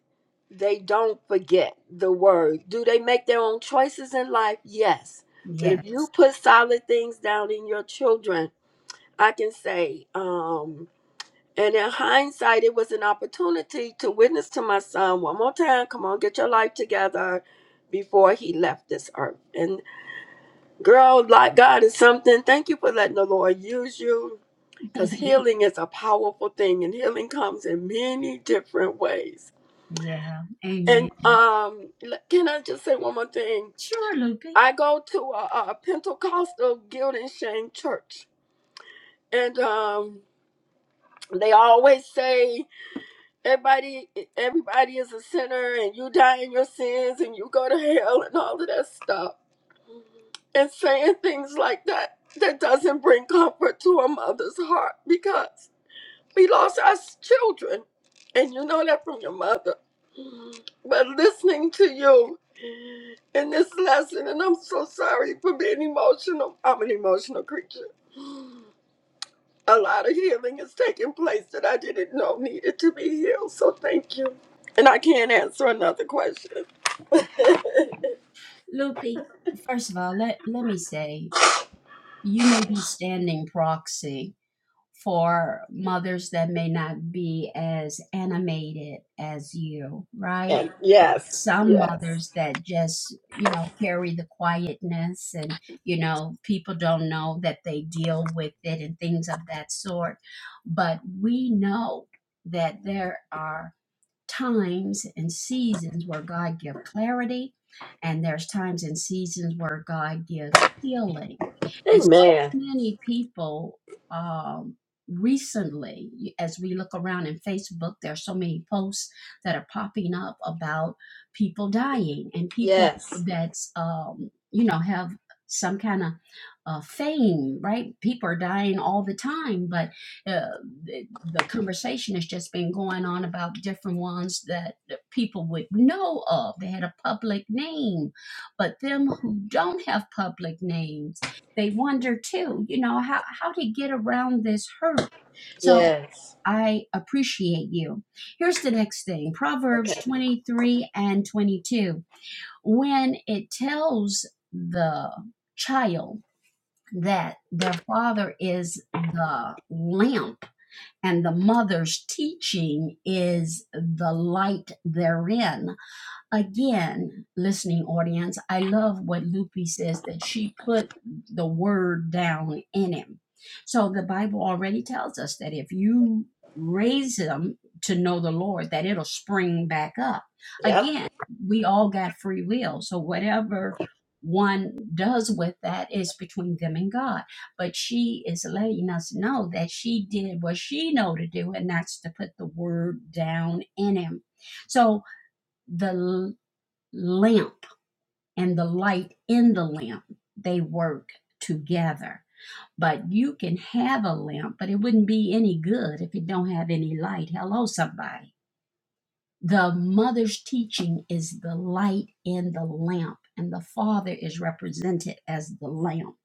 Speaker 2: They don't forget the word. Do they make their own choices in life? Yes. But
Speaker 1: Yeah.
Speaker 2: if you put solid things down in your children, I can say, um, and in hindsight, it was an opportunity to witness to my son one more time. Come on, get your life together before he left this earth. And girl, like God is something. Thank you for letting the Lord use you because healing is a powerful thing, and healing comes in many different ways.
Speaker 1: yeah.
Speaker 2: And
Speaker 1: Amen.
Speaker 2: um, l- can I just say one more thing?
Speaker 1: Sure, Lupe.
Speaker 2: I go to a, a Pentecostal guilt and shame church, and um, they always say everybody everybody is a sinner, and you die in your sins, and you go to hell, and all of that stuff. And saying things like that that doesn't bring comfort to a mother's heart We lost our s- children, and you know that from your mother. But listening to you in this lesson, and I'm so sorry for being emotional. I'm an emotional creature. A lot of healing is taking place that I didn't know needed to be healed. So thank you. And I can't answer another question.
Speaker 1: Lupe, first of all, let, let me say you may be standing proxy for mothers that may not be as animated as you, right?
Speaker 2: And yes,
Speaker 1: some
Speaker 2: yes.
Speaker 1: mothers that just you know carry the quietness and you know people don't know that they deal with it and things of that sort but we know that there are times and seasons where God gives clarity, and there's times and seasons where God gives healing. And so
Speaker 2: Amen.
Speaker 1: many people um, recently, as we look around in Facebook, there are so many posts that are popping up about people dying and people
Speaker 2: Yes,
Speaker 1: that's um, you know have some kind of uh, fame, right? People are dying all the time, but uh, the, the conversation has just been going on about different ones that people would know of. They had a public name, but them who don't have public names, they wonder too, you know, how, how to get around this hurt. So
Speaker 2: yes.
Speaker 1: I appreciate you. Here's the next thing Proverbs
Speaker 2: Okay.
Speaker 1: 23 and 22. When it tells the child that their father is the lamp, and the mother's teaching is the light therein again, listening audience, I love what Lupe says that she put the word down in him. So the Bible already tells us that if you raise them to know the Lord, that it'll spring back up.
Speaker 2: Yep.
Speaker 1: Again, we all got free will. So whatever one does with that is between them and God. But she is letting us know that she did what she know to do, and that's to put the word down in him. So, the lamp and the light in the lamp they work together but you can have a lamp but it wouldn't be any good if it don't have any light hello somebody the mother's teaching is the light in the lamp and the father is represented as the lamp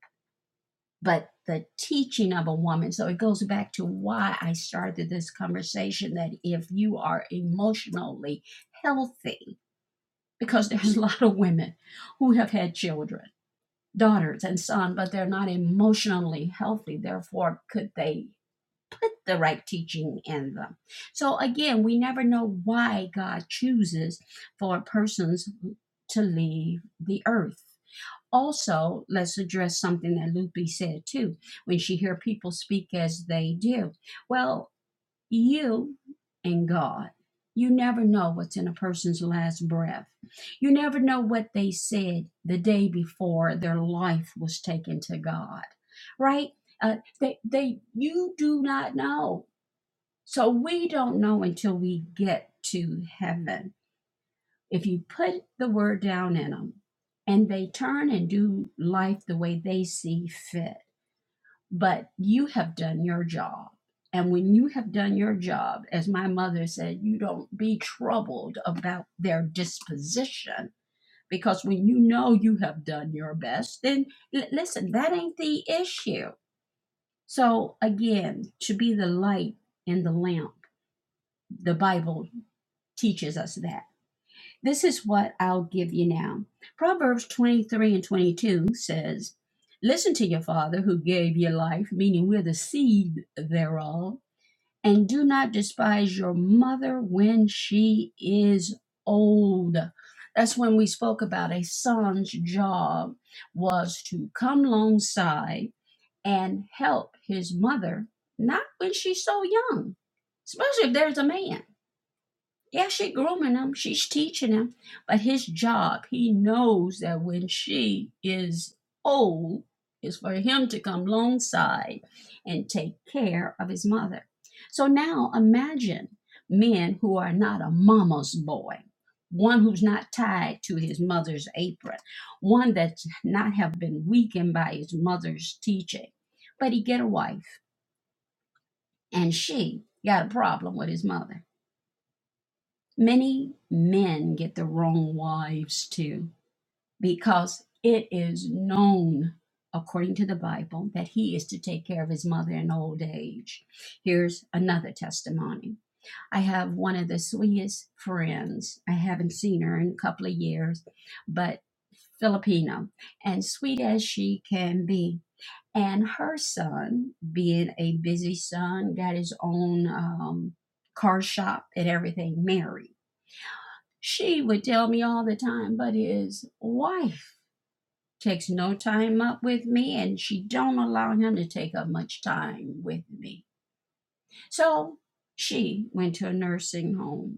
Speaker 1: but the teaching of a woman so it goes back to why i started this conversation that if you are emotionally healthy because there's a lot of women who have had children daughters and son, but they're not emotionally healthy. Therefore, could they put the right teaching in them? So again, we never know why God chooses for persons to leave the earth. Also, let's address something that Lupe said too, when she hear people speak as they do. Well, you and God. You never know what's in a person's last breath. You never know what they said the day before their life was taken to God, right? Uh, they, they, you do not know. So we don't know until we get to heaven. If you put the word down in them and they turn and do life the way they see fit but you have done your job. And when you have done your job, as my mother said, you don't be troubled about their disposition because when you know you have done your best, then l- listen, that ain't the issue. So, again, to be the light and the lamp, the Bible teaches us that. This is what I'll give you now. Proverbs 23 and 22 says, Listen to your father who gave you life, meaning we're the seed thereof and do not despise your mother when she is old. That's when we spoke about a son's job was to come alongside and help his mother, not when she's so young, especially if there's a man yeah, she grooming him, she's teaching him, but his job, he knows that when she is old, is for him to come alongside and take care of his mother. So now imagine men who are not a mama's boy, one who's not tied to his mother's apron, one that's not have been weakened by his mother's teaching, but he get a wife and she got a problem with his mother. Many men get the wrong wives too, because it is known, according to the Bible, that he is to take care of his mother in old age. Here's another testimony. I have one of the sweetest friends. I haven't seen her in a couple of years, but Filipino, and sweet as she can be. And her son, being a busy son, got his own um, car shop and everything, married. She would tell me all the time, but his wife takes no time up with me and she don't allow him to take up much time with me. So she went to a nursing home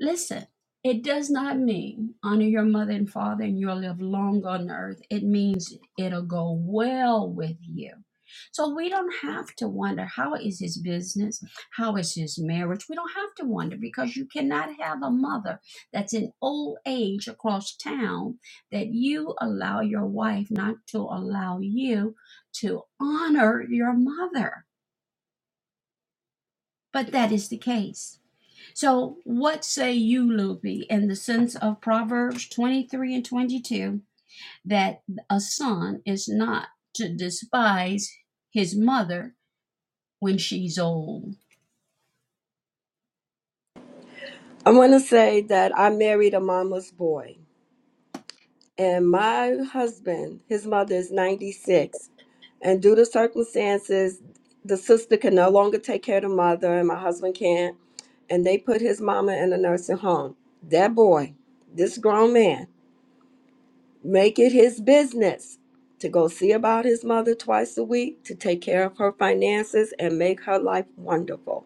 Speaker 1: Listen, it does not mean honor your mother and father and you'll live long on earth. It means it'll go well with you. So we don't have to wonder how is his business? How is his marriage? We don't have to wonder because you cannot have a mother that's in old age across town that you allow your wife not to allow you to honor your mother. But that is the case. So, what say you, Luby, in the sense of Proverbs 23 and 22 that a son is not to despise his mother when she's old?
Speaker 2: I want to say that I married a mama's boy. and my husband, his mother is 96. And due to circumstances, the sister can no longer take care of the mother, and my husband can't. And they put his mama in a nursing home. That boy, this grown man, make it his business to go see about his mother twice a week, to take care of her finances, and make her life wonderful.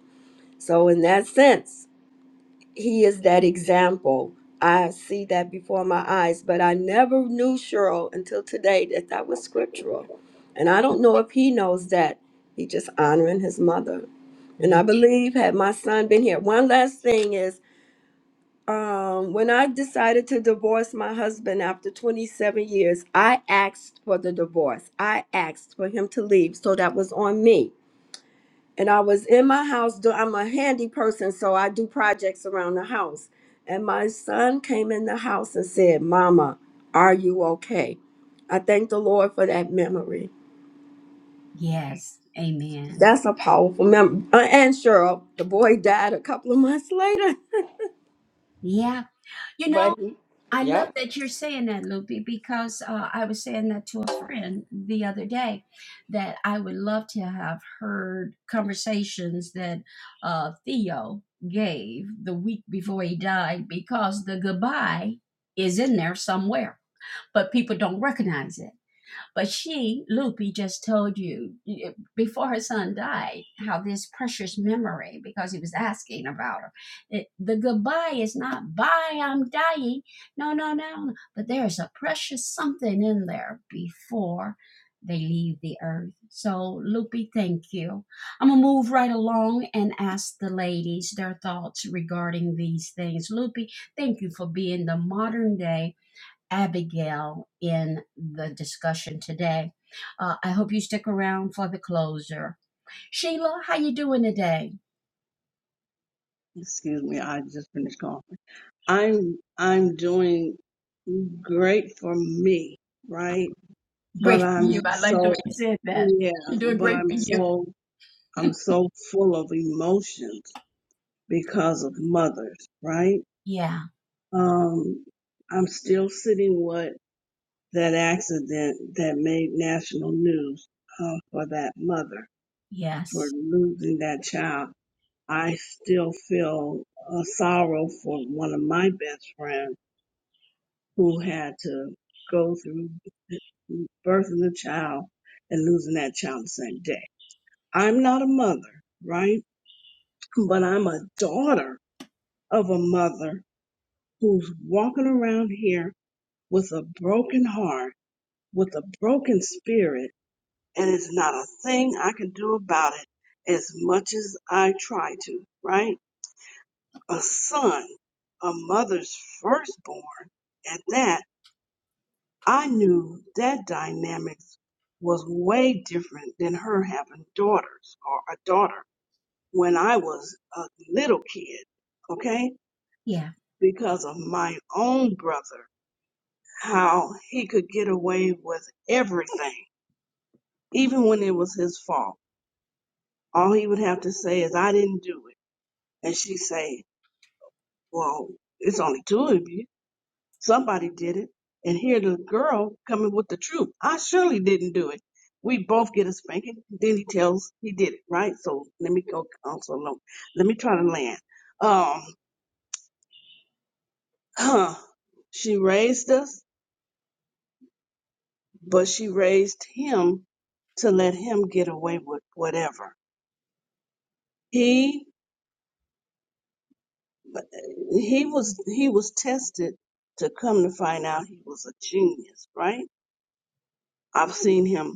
Speaker 2: So, in that sense, he is that example. I see that before my eyes, but I never knew Cheryl until today that that was scriptural. And I don't know if he knows that. He just honoring his mother. And
Speaker 1: Ni
Speaker 2: I believe had my son been here. One last thing is um, when I decided to divorce my husband after 27 years, I asked for the divorce. I asked for him to leave. So that was on me and I was in my house. do- I'm a handy person, so I do projects around the house. And my son came in the house and said, Mama, are you okay? I thank the Lord for that memory.
Speaker 1: Yes, amen.
Speaker 2: That's a powerful memory. And Cheryl, the boy died a couple of months later,
Speaker 1: Yeah. You know,
Speaker 2: but he,
Speaker 1: I love
Speaker 2: yep,
Speaker 1: that you're saying that, Loopy, because uh, I was saying that to a friend the other day that I would love to have heard conversations that uh, Theo gave the week before he died because the goodbye is in there somewhere, but people don't recognize it. But she, Loopy, just told you before her son died how this precious memory, because he was asking about her, it, the goodbye is not bye, I'm dying. No, no, no. no. But there's a precious something in there before they leave the earth. So, Loopy, thank you. I'm going to move right along and ask the ladies their thoughts regarding these things. Loopy, thank you for being the modern day. Abigail in the discussion today. Uh, I hope you stick around for the closer. Sheila, how you doing today?
Speaker 3: Excuse me, I just finished calling. I'm I'm doing great for me, right? But
Speaker 1: Great for
Speaker 3: I'm
Speaker 1: you. I like the
Speaker 3: so
Speaker 1: way you said that.
Speaker 3: yeah,
Speaker 1: You're doing
Speaker 3: but
Speaker 1: great
Speaker 3: I'm
Speaker 1: for you.
Speaker 3: so I'm so full of emotions because of mothers, right?
Speaker 1: Yeah.
Speaker 3: Um I'm still sitting with that accident that made national news uh, for that mother for
Speaker 1: Yes.
Speaker 3: losing that child. I still feel uh, sorrow for one of my best friends who had to go through birthing the child and losing that child the same day. I'm not a mother, right? But I'm a daughter of a mother who's walking around here with a broken heart, with a broken spirit, and it's not a thing I can do about it as much as I try to, right? A son, a mother's firstborn at that I knew that dynamics was way different than her having daughters or a daughter when I was a little kid, okay?
Speaker 1: Yeah.
Speaker 3: Because of my own brother, how he could get away with everything, even when it was his fault. All he would have to say is, I didn't do it. And she'd say, Well, it's only two of you. Somebody did it. And here the girl coming with the truth. I surely didn't do it. We both get a spanking. Then he tells he did it, right? So let me go also alone. Let me try to land. Um, she raised us, but she raised him to let him get away with whatever. He he was he was tested to come to find out he was a genius, right? I've seen him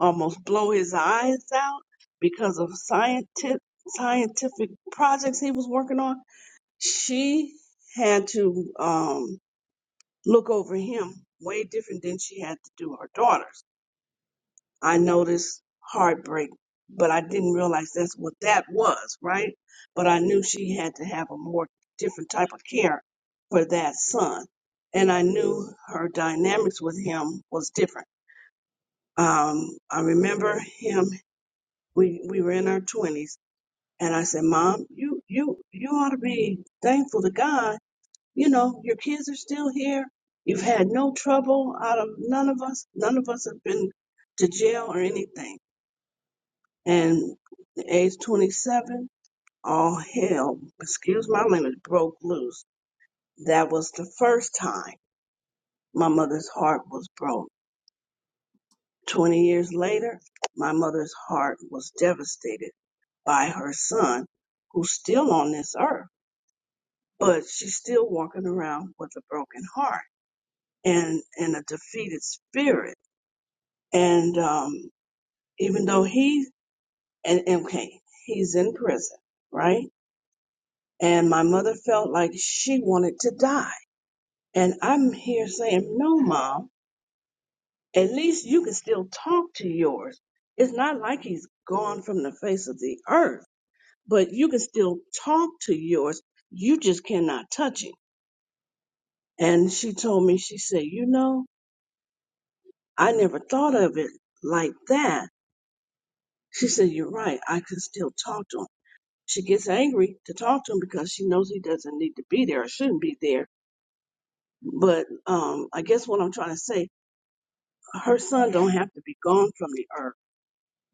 Speaker 3: almost blow his eyes out because of scientific scientific projects he was working on. She had to um, look over him way different than she had to do her daughters. I noticed heartbreak, but I didn't realize that's what that was, right? But I knew she had to have a more different type of care for that son. And I knew her dynamics with him was different. Um, I remember him we we were in our twenties, and I said, "Mom, you you you ought to be thankful to God. You know, your kids are still here. You've had no trouble out of none of us. None of us have been to jail or anything." And at age 27, all hell, excuse my language, broke loose. That was the first time my mother's heart was broke. 20 years later, my mother's heart was devastated by her son, who's still on this earth. but she's still walking around with a broken heart and and a defeated spirit. And um, even though he and and, okay, he's in prison, right? And my mother felt like she wanted to die. And I'm here saying, no, mom. At least you can still talk to yours. It's not like he's gone from the face of the earth, but you can still talk to yours. You just cannot touch it. And she told me, she said, you know, I never thought of it like that. She said, You're right. I can still talk to him. She gets angry to talk to him because she knows he doesn't need to be there or shouldn't be there. But um, I guess what I'm trying to say, her son don't have to be gone from the earth,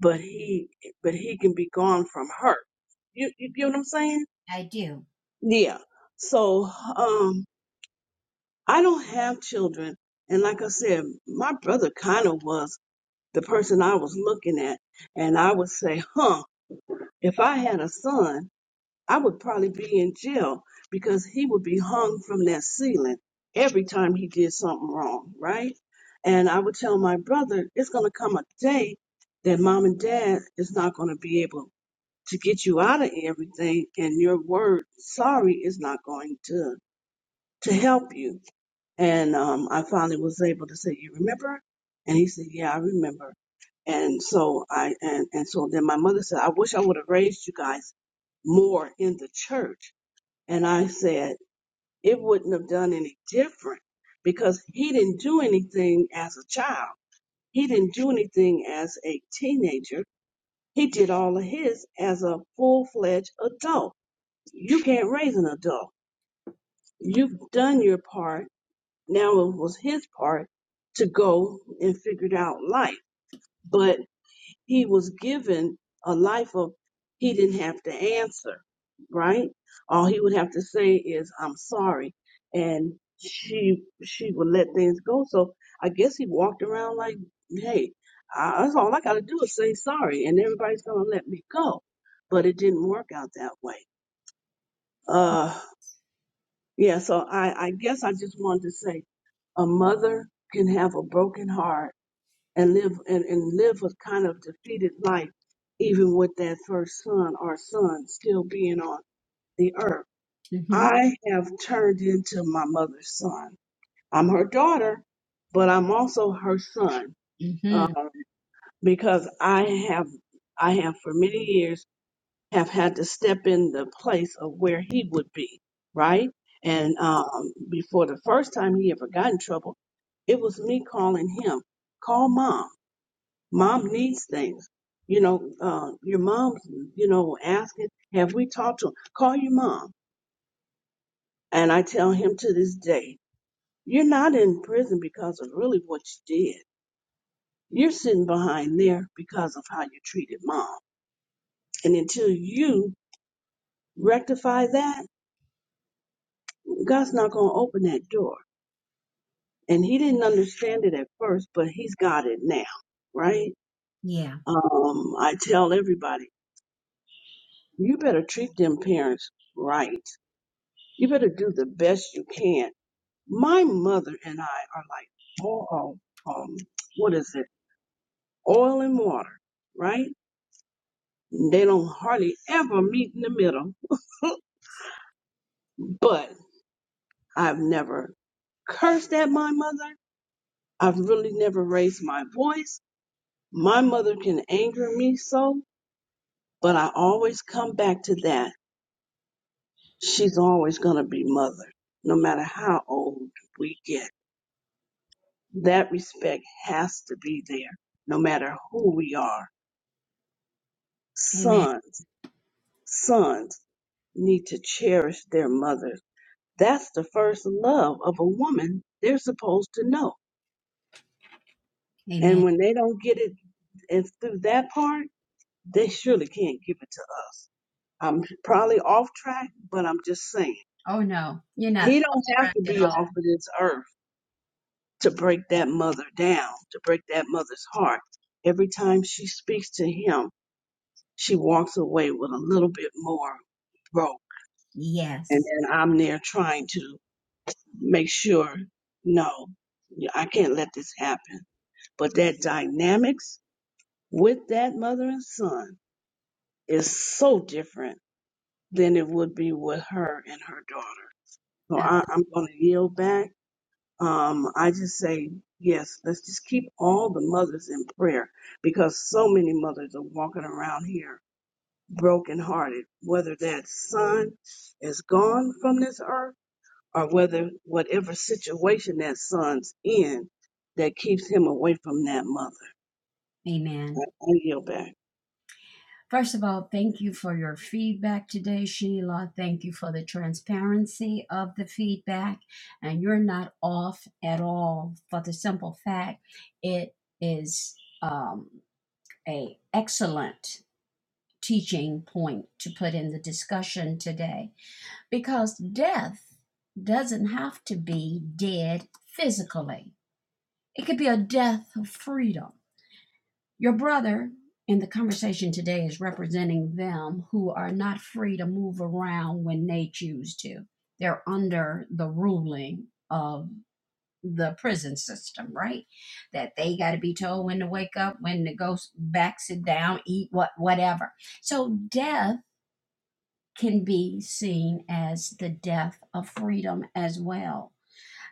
Speaker 3: but he but he can be gone from her. You you get what I'm saying?
Speaker 1: I do.
Speaker 3: Yeah. So um, I don't have children, and like I said, my brother kind of was the person I was looking at, and I would say, "Huh." If I had a son, I would probably be in jail because he would be hung from that ceiling every time he did something wrong, right? And I would tell my brother, it's going to come a day that mom and dad is not going to be able to get you out of everything, and your word sorry is not going to to help you and um, I finally was able to say, "You remember?" And he said, "Yeah, I remember." And so I and and so then my mother said, "I wish I would have raised you guys more in the church." And I said, "It wouldn't have done any different because he didn't do anything as a child. He didn't do anything as a teenager. He did all of his as a full-fledged adult. You can't raise an adult. You've done your part." Now it was his part to go and figure it out life. But he was given a life of, he didn't have to answer, right? All he would have to say is, I'm sorry. And she, she would let things go. So I guess he walked around like, hey, I, that's all I got to do is say sorry and everybody's going to let me go. But it didn't work out that way. Uh, yeah, so I, I guess I just wanted to say a mother can have a broken heart and live and, and live a kind of defeated life even with that first son or son still being on the earth.
Speaker 1: Mhm.
Speaker 3: I have turned into my mother's son. I'm her daughter, but I'm also her son uh,
Speaker 1: Mhm.
Speaker 3: because I have I have for many years have had to step in the place of where he would be, right? And um, before the first time he ever got in trouble, it was me calling him, call mom. Mom needs things. You know, uh, your mom's, you know, asking, have we talked to him? Call your mom. And I tell him to this day, you're not in prison because of really what you did. You're sitting behind there because of how you treated mom. And until you rectify that, God's not going to open that door. and he didn't understand it at first, but he's got it now, right?
Speaker 1: Yeah.
Speaker 3: Um, I tell everybody, you better treat them parents right. You better do the best you can. My mother and I are like all, um, what is it? Oil and water, right? They don't hardly ever meet in the middle, but I've never cursed at my mother. I've really never raised my voice. My mother can anger me so, But I always come back to that. She's always going to be mother, no matter how old we get. That respect has to be there, no matter who we are.
Speaker 1: Amen.
Speaker 3: Sons, sons need to cherish their mothers. That's the first love of a woman they're supposed to know.
Speaker 1: Amen.
Speaker 3: And when they don't get it and through that part, they surely can't give it to us. I'm probably off track, but I'm just saying.
Speaker 1: Oh no, you're not
Speaker 3: He
Speaker 1: off
Speaker 3: don't have
Speaker 1: track
Speaker 3: to
Speaker 1: at
Speaker 3: be
Speaker 1: all.
Speaker 3: off of this earth. to break that mother down, to break that mother's heart. Every time she speaks to him, she walks away with a little bit more broke. And
Speaker 1: Yes.
Speaker 3: then I'm there trying to make sure, no, yeah, I can't let this happen. But that dynamics with that mother and son is so different than it would be with her and her daughter. So
Speaker 1: Ab-
Speaker 3: I, I'm going to yield back um, I just say, yes, let's just keep all the mothers in prayer because so many mothers are walking around here brokenhearted, whether that son is gone from this earth or whether whatever situation that son's in that keeps him away from that mother.
Speaker 1: Amen.
Speaker 3: I, I yield back.
Speaker 1: First of all, thank you for your feedback today, Sheila. Thank you for the transparency of the feedback. And you're not off at all for the simple fact it is um, a excellent teaching point to put in the discussion today because death doesn't have to be dead physically. It could be a death of freedom your brother in the conversation today is representing them who are not free to move around when they choose to. They're under the ruling of the prison system, right? That they got to be told when to wake up, when to go s- back, sit down, eat, what, whatever. So death can be seen as the death of freedom as well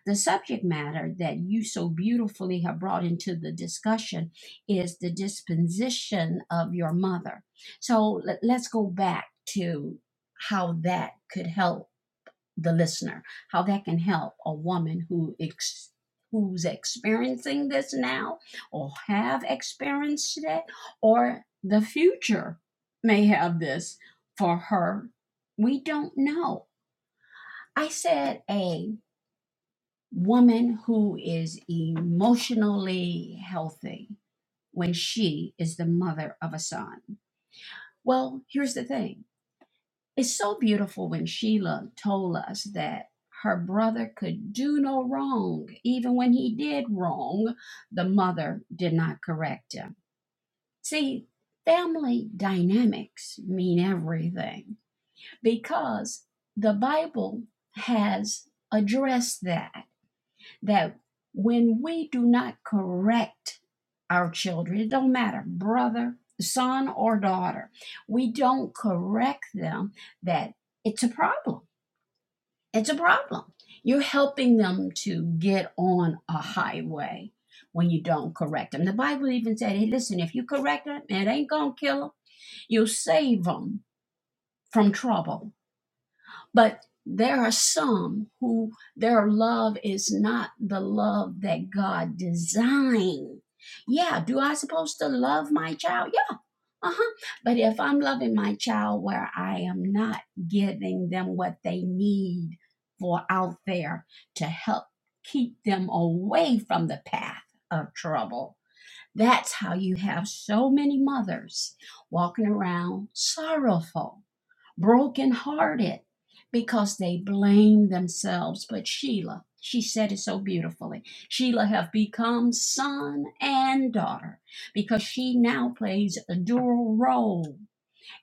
Speaker 1: the subject matter that you so beautifully have brought into the discussion is the disposition of your mother. So let, let's go back to how that could help the listener, how that can help a woman who ex- who's experiencing this now or have experienced it or the future may have this for her. We don't know. I said a woman who is emotionally healthy when she is the mother of a son. Well, here's the thing it's so beautiful when Sheila told us that her brother could do no wrong. Even when he did wrong, the mother did not correct him. See, family dynamics mean everything because the Bible has addressed that. that when we do not correct our children, it don't matter, brother, son, or daughter, we don't correct them, that it's a problem. It's a problem. You're helping them to get on a highway when you don't correct them. The Bible even said, hey, listen, if you correct them, it ain't going to kill them. You'll save them from trouble but there are some who their love is not the love that God designed. Yeah, do I supposed to love my child? Yeah. Uh-huh. But if I'm loving my child where I am not giving them what they need for out there to help keep them away from the path of trouble. That's how you have so many mothers walking around sorrowful brokenhearted because they blame themselves. But Sheila, she said it so beautifully. Sheila have become son and daughter because she now plays a dual role.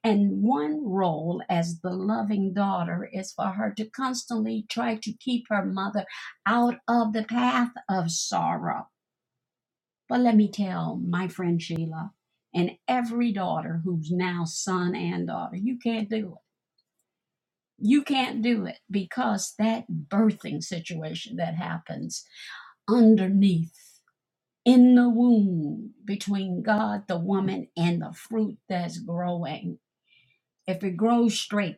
Speaker 1: And one role as the loving daughter is for her to constantly try to keep her mother out of the path of sorrow. But let me tell my friend Sheila and every daughter who's now son and daughter, you can't do it you can't do it because that birthing situation that happens underneath in the womb between God, the woman, and the fruit that's growing. If it grows straight,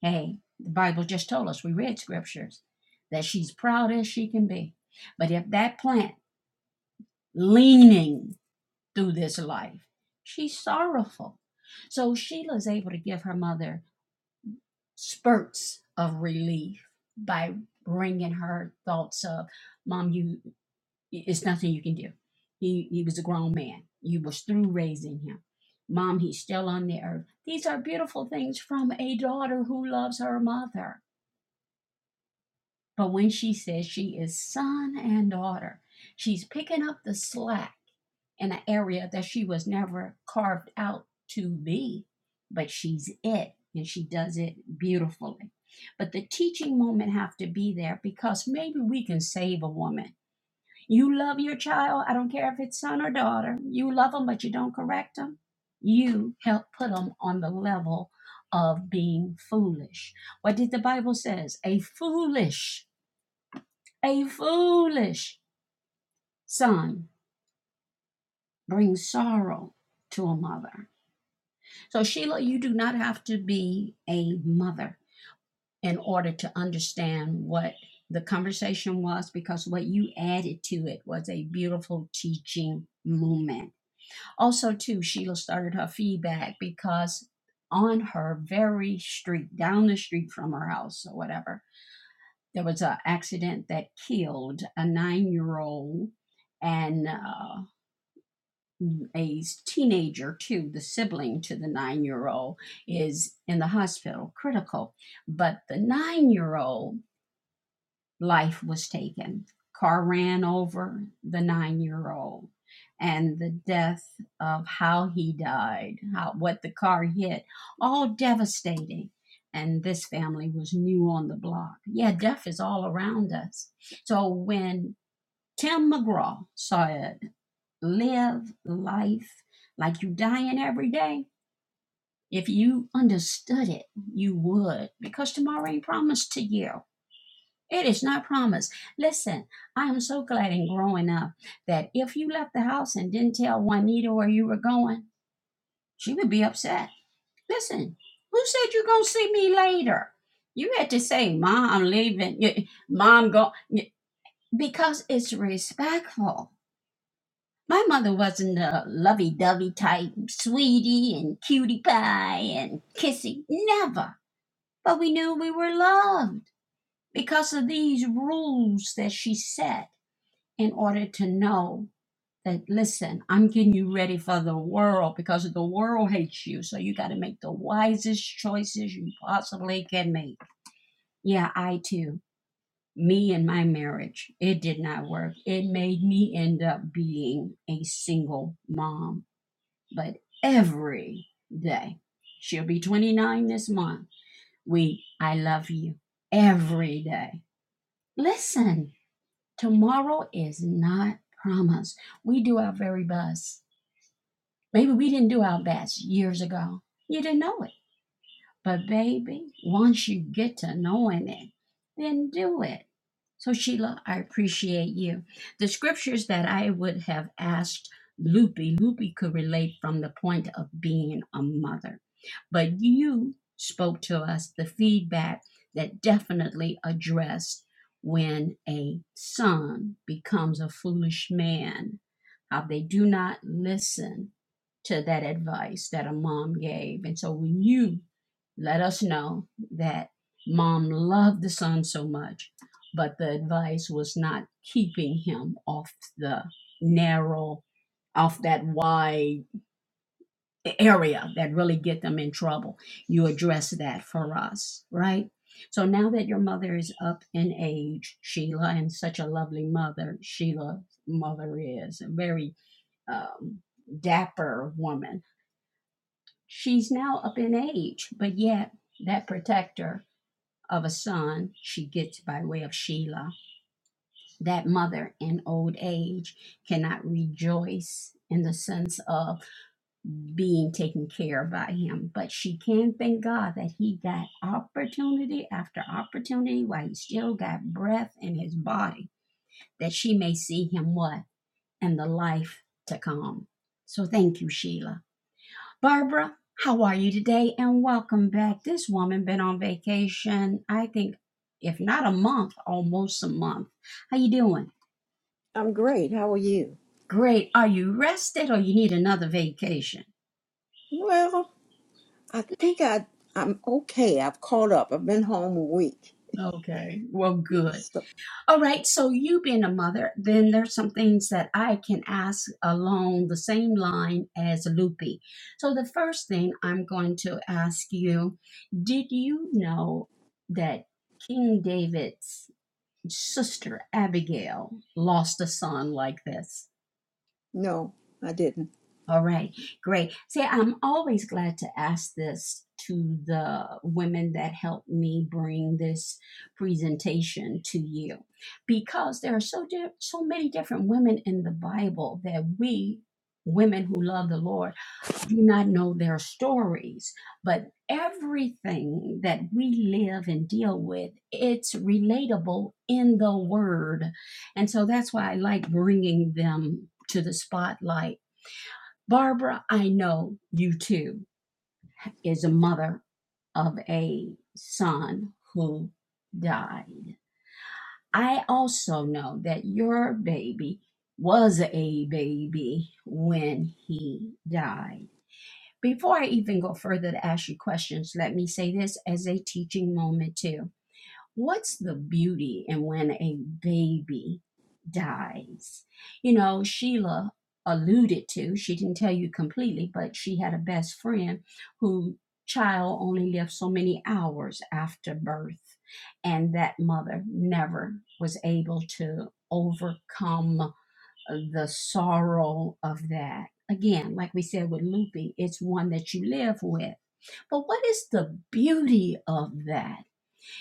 Speaker 1: hey, the Bible just told us, we read scriptures, that she's proud as she can be. But if that plant leaning through this life, she's sorrowful. So Sheila's able to give her mother spurts of relief by bringing her thoughts of mom you it's nothing you can do he he was a grown man you was through raising him mom he's still on the earth these are beautiful things from a daughter who loves her mother but when she says she is son and daughter she's picking up the slack in an area that she was never carved out to be, but she's it and she does it beautifully. But the teaching moment have to be there because maybe we can save a woman. You love your child, I don't care if it's son or daughter. You love them but you don't correct them. You help put them on the level of being foolish. What did the Bible says? A foolish, a foolish son brings sorrow to a mother So, Sheila, you do not have to be a mother in order to understand what the conversation was because what you added to it was a beautiful teaching moment. Also, too, Sheila started her feedback because on her very street, down the street from her house or whatever, there was an accident that killed a nine year old. And uh, a teenager too, the sibling to the nine year old, is in the hospital, critical. But the nine year old life was taken. Car ran over the nine year old, and the death of how he died, how what the car hit, all devastating. And this family was new on the block. Yeah, death is all around us. So when Tim McGraw saw it live life like you dying every day, if you understood it, you would, because tomorrow ain't promised to you. It is not promised. Listen, I am so glad in growing up that if you left the house and didn't tell Juanita where you were going, she would be upset. Listen, who said you're gonna see me later? You had to say, "Mom, I'm leaving." Mom, go because it's respectful My mother wasn't a lovey dovey type, sweetie and cutie pie and kissy. Never. But we knew we were loved because of these rules that she set in order to know that, listen, I'm getting you ready for the world because the world hates you. So you got to make the wisest choices you possibly can make. Yeah, I too. Me and my marriage, it did not work. It made me end up being a single mom but every day. She'll be 29 this month. We, I love you every day. Listen, tomorrow is not promised. We do our very best. Maybe we didn't do our best years ago. You didn't know it. But, baby, once you get to knowing it, then do it. So, Sheila, I appreciate you. The scriptures that I would have asked Loopy, Loopy could relate from the point of being a mother. But you spoke to us the feedback that definitely addressed when a son becomes a foolish man, how they do not listen to that advice that a mom gave. And so when you let us know that mom loved the son so much, but the advice was not keeping him off the narrow, off that wide area that really get them in trouble. You address that for us, right? So now that your mother is up in age, Sheila, and such a lovely mother, Sheila's mother is a very um, dapper woman She's now up in age, but yet that protector of a son she gets by way of Sheila, that mother in old age cannot rejoice in the sense of being taken care of by him, but she can thank God that he got opportunity after opportunity while he still got breath in his body, that she may see him what? In the life to come. So thank you, Sheila. Barbara, how are you today? And welcome back. This woman been on vacation, I think, if not a month, almost a month. How you doing?
Speaker 4: I'm great. How are you?
Speaker 1: Great. Are you rested or you need another vacation?
Speaker 4: Well, I think I I'm okay. I've caught up. I've been home a week.
Speaker 1: Okay. Well, good.
Speaker 4: So
Speaker 1: All right. So you being a mother, then there's some things that I can ask along the same line as Loopy. So the first thing I'm going to ask you, did you know that King David's Sister Abigail lost a son like this.
Speaker 4: no, I didn't.
Speaker 1: All right, great. See, I'm always glad to ask this to the women that helped me bring this presentation to you because there are so di- so many different women in the Bible that we women who love the Lord do not know their stories, but everything that we live and deal with, it's relatable in the word. And so that's why I like bringing them to the spotlight Barbara, I know you too, is a mother of a son who died. I also know that your baby was a baby when he died. Before I even go further to ask you questions, let me say this as a teaching moment too what's the beauty in when a baby dies? You know, Sheila alluded to, she didn't tell you completely, but she had a best friend whose child only lived so many hours after birth and that mother never was able to overcome the sorrow of that again like we said with looping it's one that you live with but what is the beauty of that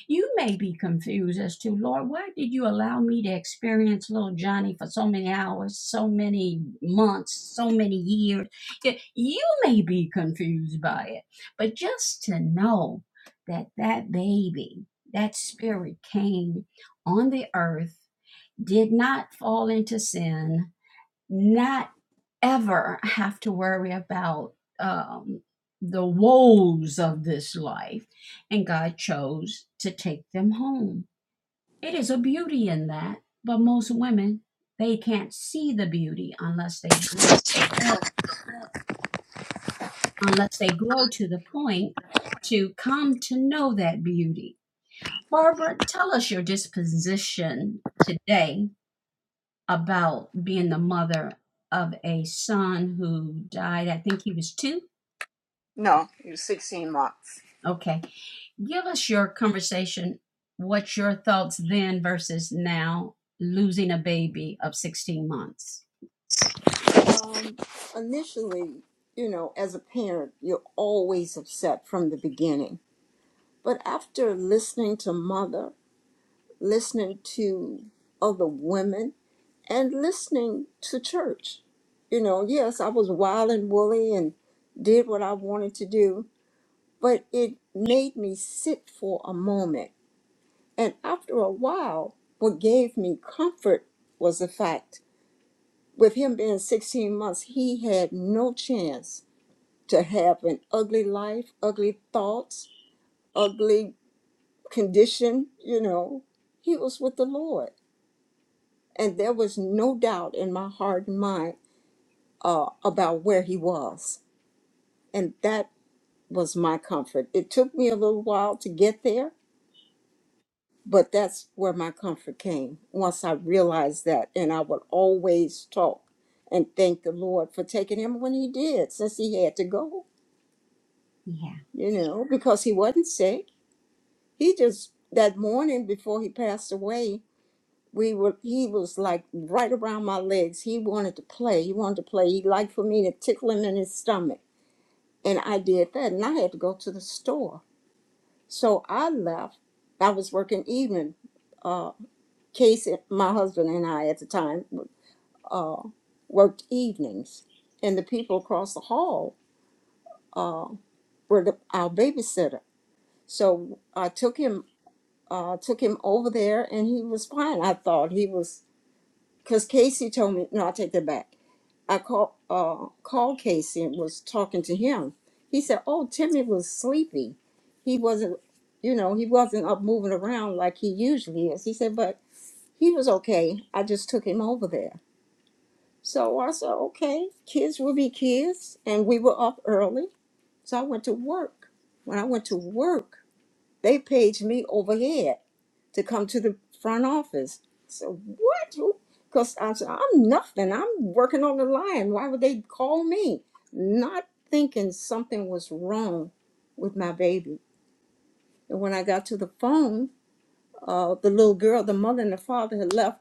Speaker 1: you may be confused as to, Lord, why did you allow me to experience little Johnny for so many hours, so many months, so many years? You may be confused by it, but just to know that that baby, that spirit came on the earth, did not fall into sin, not ever have to worry about um, the woes of this life. And God chose to take them home. It is a beauty in that, but most women, they can't see the beauty unless they grow the, unless they grow to the point to come to know that beauty. Barbara, tell us your disposition today about being the mother of a son who died. I think he was two
Speaker 4: No, you're 16 months.
Speaker 1: Okay. Give us your conversation. What's your thoughts then versus now losing a baby of 16 months?
Speaker 4: Um, initially, you know, as a parent, you're always upset from the beginning. But after listening to mother, listening to other women, and listening to church, you know, yes, I was wild and woolly and did what I wanted to do but it made me sit for a moment. And after a while, what gave me comfort was the fact with him being 16 months, he had no chance to have an ugly life, ugly thoughts, ugly condition, you know. He was with the Lord. And there was no doubt in my heart and mind uh, about where he was. And that was my comfort. It took me a little while to get there, But that's where my comfort came once I realized that. And I would always talk and thank the Lord for taking him when he did, since he had to go,
Speaker 1: Yeah.
Speaker 4: you know, because he wasn't sick. He just, that morning before he passed away, we were, he was like right around my legs. He wanted to play. He wanted to play. He liked for me to tickle him in his stomach. And I did that. And I had to go to the store. So I left. I was working evening uh, Casey, my husband and I at the time uh, worked evenings, and the people across the hall uh, were the, our babysitter. So I took him uh, took him over there, and he was fine. I thought he was because Casey told me. No, I take that back. I call uh, called Casey and was talking to him. He said, "Oh, Timmy was sleepy. He wasn't, you know, he wasn't up moving around like he usually is." He said, "But he was okay. I just took him over there." So I said, okay, kids will be kids. And we were up early. So I went to work. When I went to work, they paged me overhead to come to the front office. So what? Because I said, I'm nothing. I'm working on the line. Why would they call me? Not thinking something was wrong with my baby. And when I got to the phone, uh, the little girl, the mother and the father had left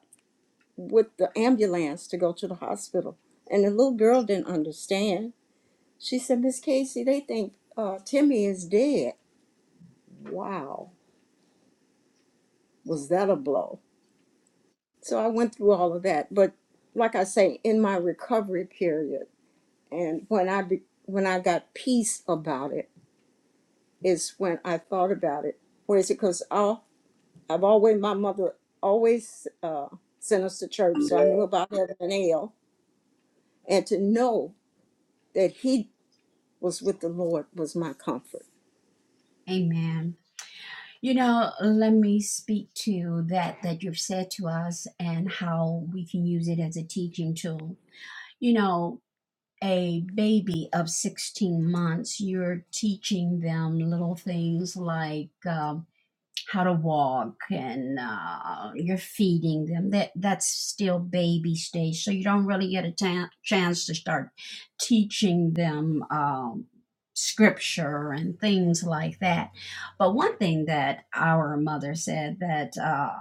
Speaker 4: with the ambulance to go to the hospital. And the little girl didn't understand. She said, Miss Casey, they think uh, Timmy is dead. Wow, was that a blow? So I went through all of that, but like I say, in my recovery period, and when I be, when I got peace about it, is when I thought about it. Where is it? Because I'll, I've always my mother always uh, sent us to church, so I knew about heaven and hell, and to know that He was with the Lord was my comfort.
Speaker 1: Amen. You know, let me speak to that that you've said to us and how we can use it as a teaching tool. You know, a baby of 16 months, you're teaching them little things like um, how to walk and uh, you're feeding them that that's still baby stage so you don't really get a ta- chance to start teaching them um, scripture and things like that but one thing that our mother said that uh,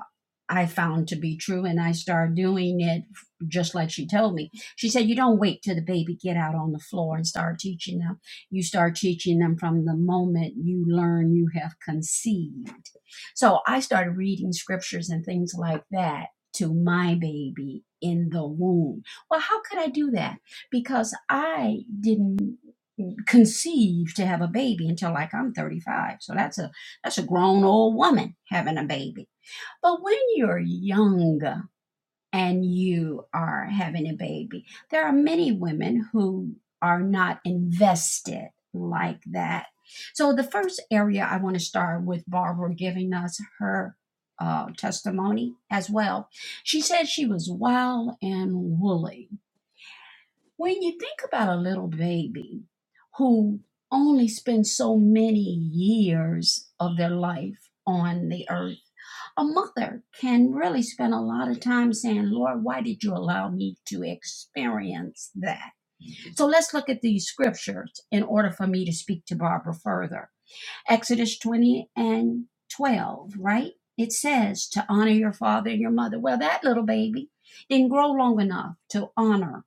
Speaker 1: i found to be true and i started doing it just like she told me she said you don't wait till the baby get out on the floor and start teaching them you start teaching them from the moment you learn you have conceived so I started reading scriptures and things like that to my baby in the womb. Well, how could I do that? Because I didn't conceive to have a baby until like I'm 35. So that's a that's a grown old woman having a baby. But when you're young and you are having a baby. There are many women who are not invested like that. So, the first area I want to start with Barbara giving us her uh, testimony as well. She said she was wild and woolly. When you think about a little baby who only spends so many years of their life on the earth, a mother can really spend a lot of time saying, Lord, why did you allow me to experience that? So let's look at these scriptures in order for me to speak to Barbara further. Exodus 20 and 12, right? It says to honor your father and your mother. Well, that little baby didn't grow long enough to honor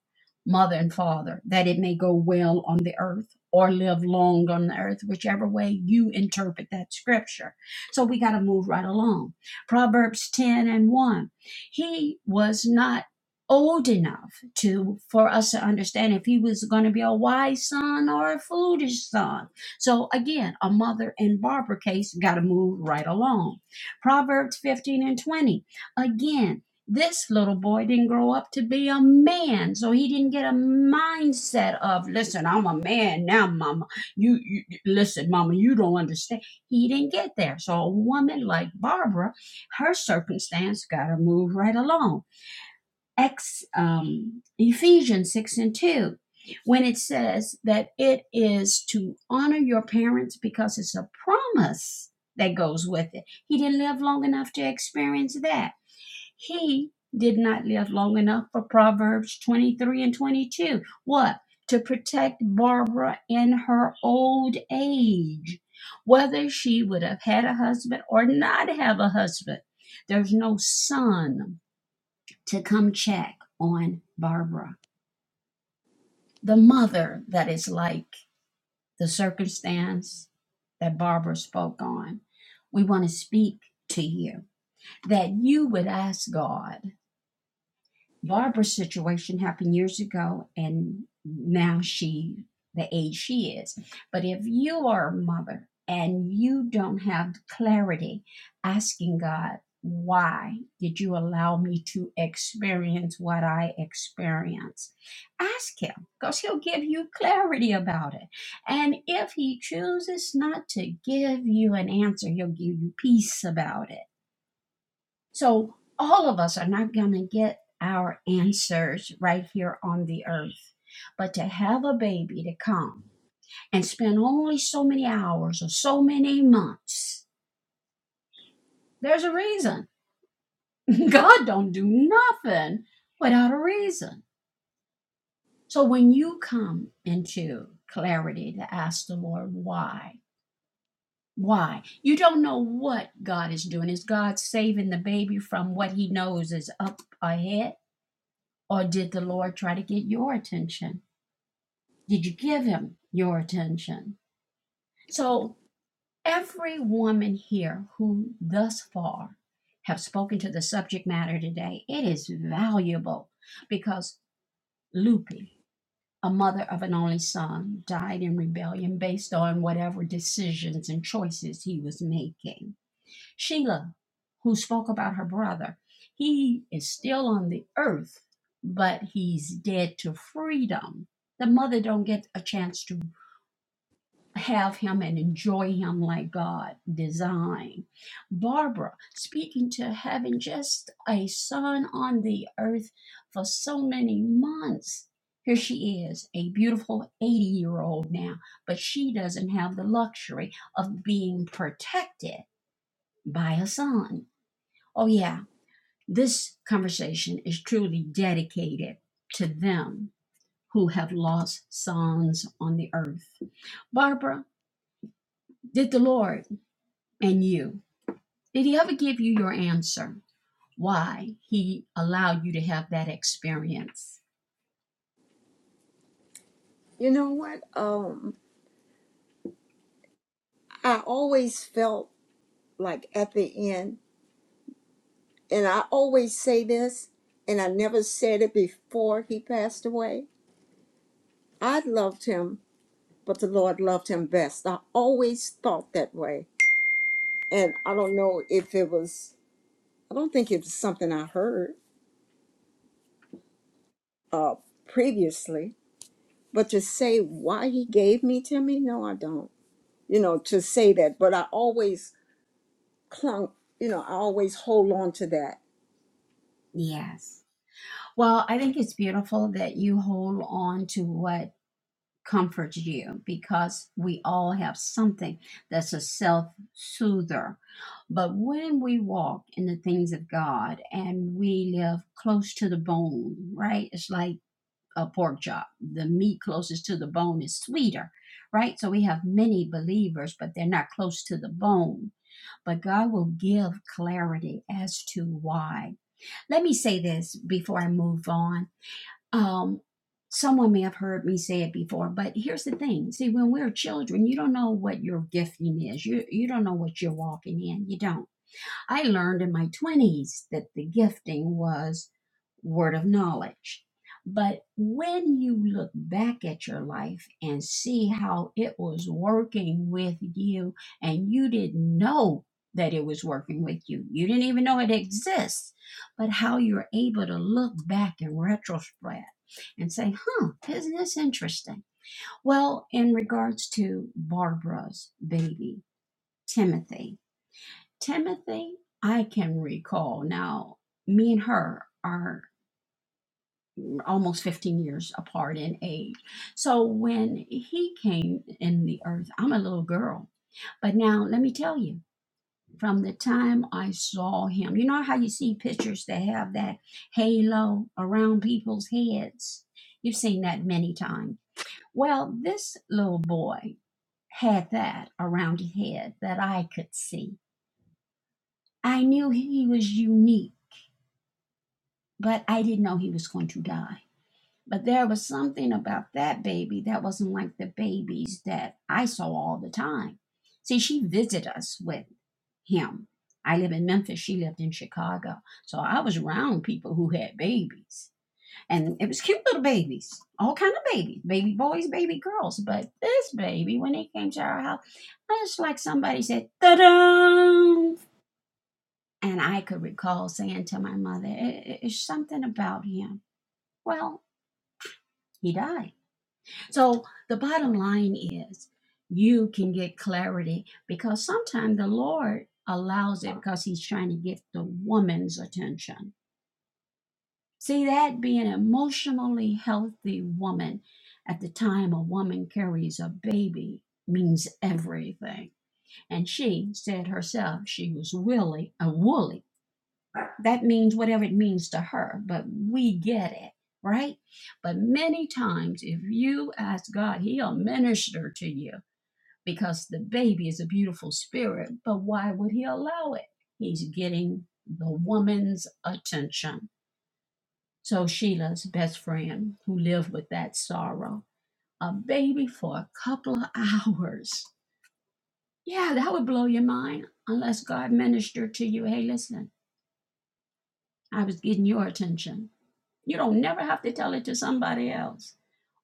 Speaker 1: mother and father that it may go well on the earth or live long on the earth, whichever way you interpret that scripture. So we got to move right along. Proverbs 10 and 1. He was not old enough to for us to understand if he was going to be a wise son or a foolish son so again, a mother and Barbara case got to move right along. Proverbs 15 and 20. Again, this little boy didn't grow up to be a man, so he didn't get a mindset of, listen, I'm a man now, mama. You, you listen, mama, you don't understand. He didn't get there. So a woman like Barbara, her circumstance got to move right along. Ex, um, Ephesians 6 and 2, when it says that it is to honor your parents because it's a promise that goes with it. He didn't live long enough to experience that. He did not live long enough for Proverbs 23 and 22. What? To protect Barbara in her old age, whether she would have had a husband or not have a husband. There's no son to come check on Barbara. The mother that is like the circumstance that Barbara spoke on. We want to speak to you that you would ask God Barbara's situation happened years ago, and now she, the age she is. But if you are a mother and you don't have clarity, asking God, why did you allow me to experience what I experienced? Ask Him because He'll give you clarity about it. And if He chooses not to give you an answer, He'll give you peace about it so all of us are not going to get our answers right here on the earth. But to have a baby to come and spend only so many hours or so many months, there's a reason. God don't do nothing without a reason. So when you come into clarity to ask the Lord why, why? You don't know what God is doing. Is God saving the baby from what he knows is up ahead? Or did the Lord try to get your attention? Did you give him your attention? So, every woman here who thus far have spoken to the subject matter today, it is valuable because loopy, a mother of an only son, died in rebellion based on whatever decisions and choices he was making. Sheila, who spoke about her brother, he is still on the earth, but he's dead to freedom. The mother don't get a chance to have him and enjoy him like God designed. Barbara speaking to having just a son on the earth for so many months. Here she is, a beautiful 80 year old now, but she doesn't have the luxury of being protected by a son. Oh, yeah, this conversation is truly dedicated to them who have lost sons on the earth. Barbara, did the Lord and you. Did he ever give you your answer? Why he allowed you to have that experience?
Speaker 4: You know what? Um, I always felt like at the end. And I always say this, and I never said it before he passed away. I loved him, but the Lord loved him best. I always thought that way. And I don't know if it was, I don't think it was something I heard uh, previously, but to say why he gave me to me, no, I don't. You know, to say that, but I always clung, you know, I always hold on to that.
Speaker 1: Yes. Well, I think it's beautiful that you hold on to what comforts you because we all have something that's a self soother. But when we walk in the things of God and we live close to the bone, right? It's like a pork chop. The meat closest to the bone is sweeter, right? So we have many believers, but they're not close to the bone. But God will give clarity as to why. Let me say this before I move on. Um, someone may have heard me say it before, but here's the thing. See, when we're children, you don't know what your gifting is. You you don't know what you're walking in. You don't. I learned in my 20s that the gifting was word of knowledge. But when you look back at your life and see how it was working with you, and you didn't know that it was working with you, you didn't even know it exists, but how you're able to look back in retrospect and say, huh, isn't this interesting? Well, in regards to Barbara's baby, Timothy, Timothy, I can recall now, me and her are almost 15 years apart in age. So when he came in the earth, I'm a little girl. But now let me tell you, from the time I saw him, you know how you see pictures that have that halo around people's heads? You've seen that many times. Well, this little boy had that around his head that I could see. I knew he was unique But I didn't know he was going to die. But there was something about that baby that wasn't like the babies that I saw all the time. See, she visited us with him. I live in Memphis, she lived in Chicago. So I was around people who had babies. And it was cute little babies, all kind of babies, baby boys, baby girls. But this baby, when he came to our house, it's like somebody said, ta-da! And I could recall saying to my mother, "I- it's something about him. Well, He died. So the bottom line is you can get clarity because sometimes the Lord allows it because he's trying to get the woman's attention. See that being an emotionally healthy woman at the time a woman carries a baby means everything. And she said herself she was willing, a woolly that means whatever it means to her, but we get it, right? But many times, if you ask God, He'll minister to you because the baby is a beautiful spirit, but why would He allow it? He's getting the woman's attention. So, Sheila's best friend who lived with that sorrow, a baby for a couple of hours. Yeah, that would blow your mind unless God ministered to you. Hey, listen, I was getting your attention You don't never have to tell it to somebody else.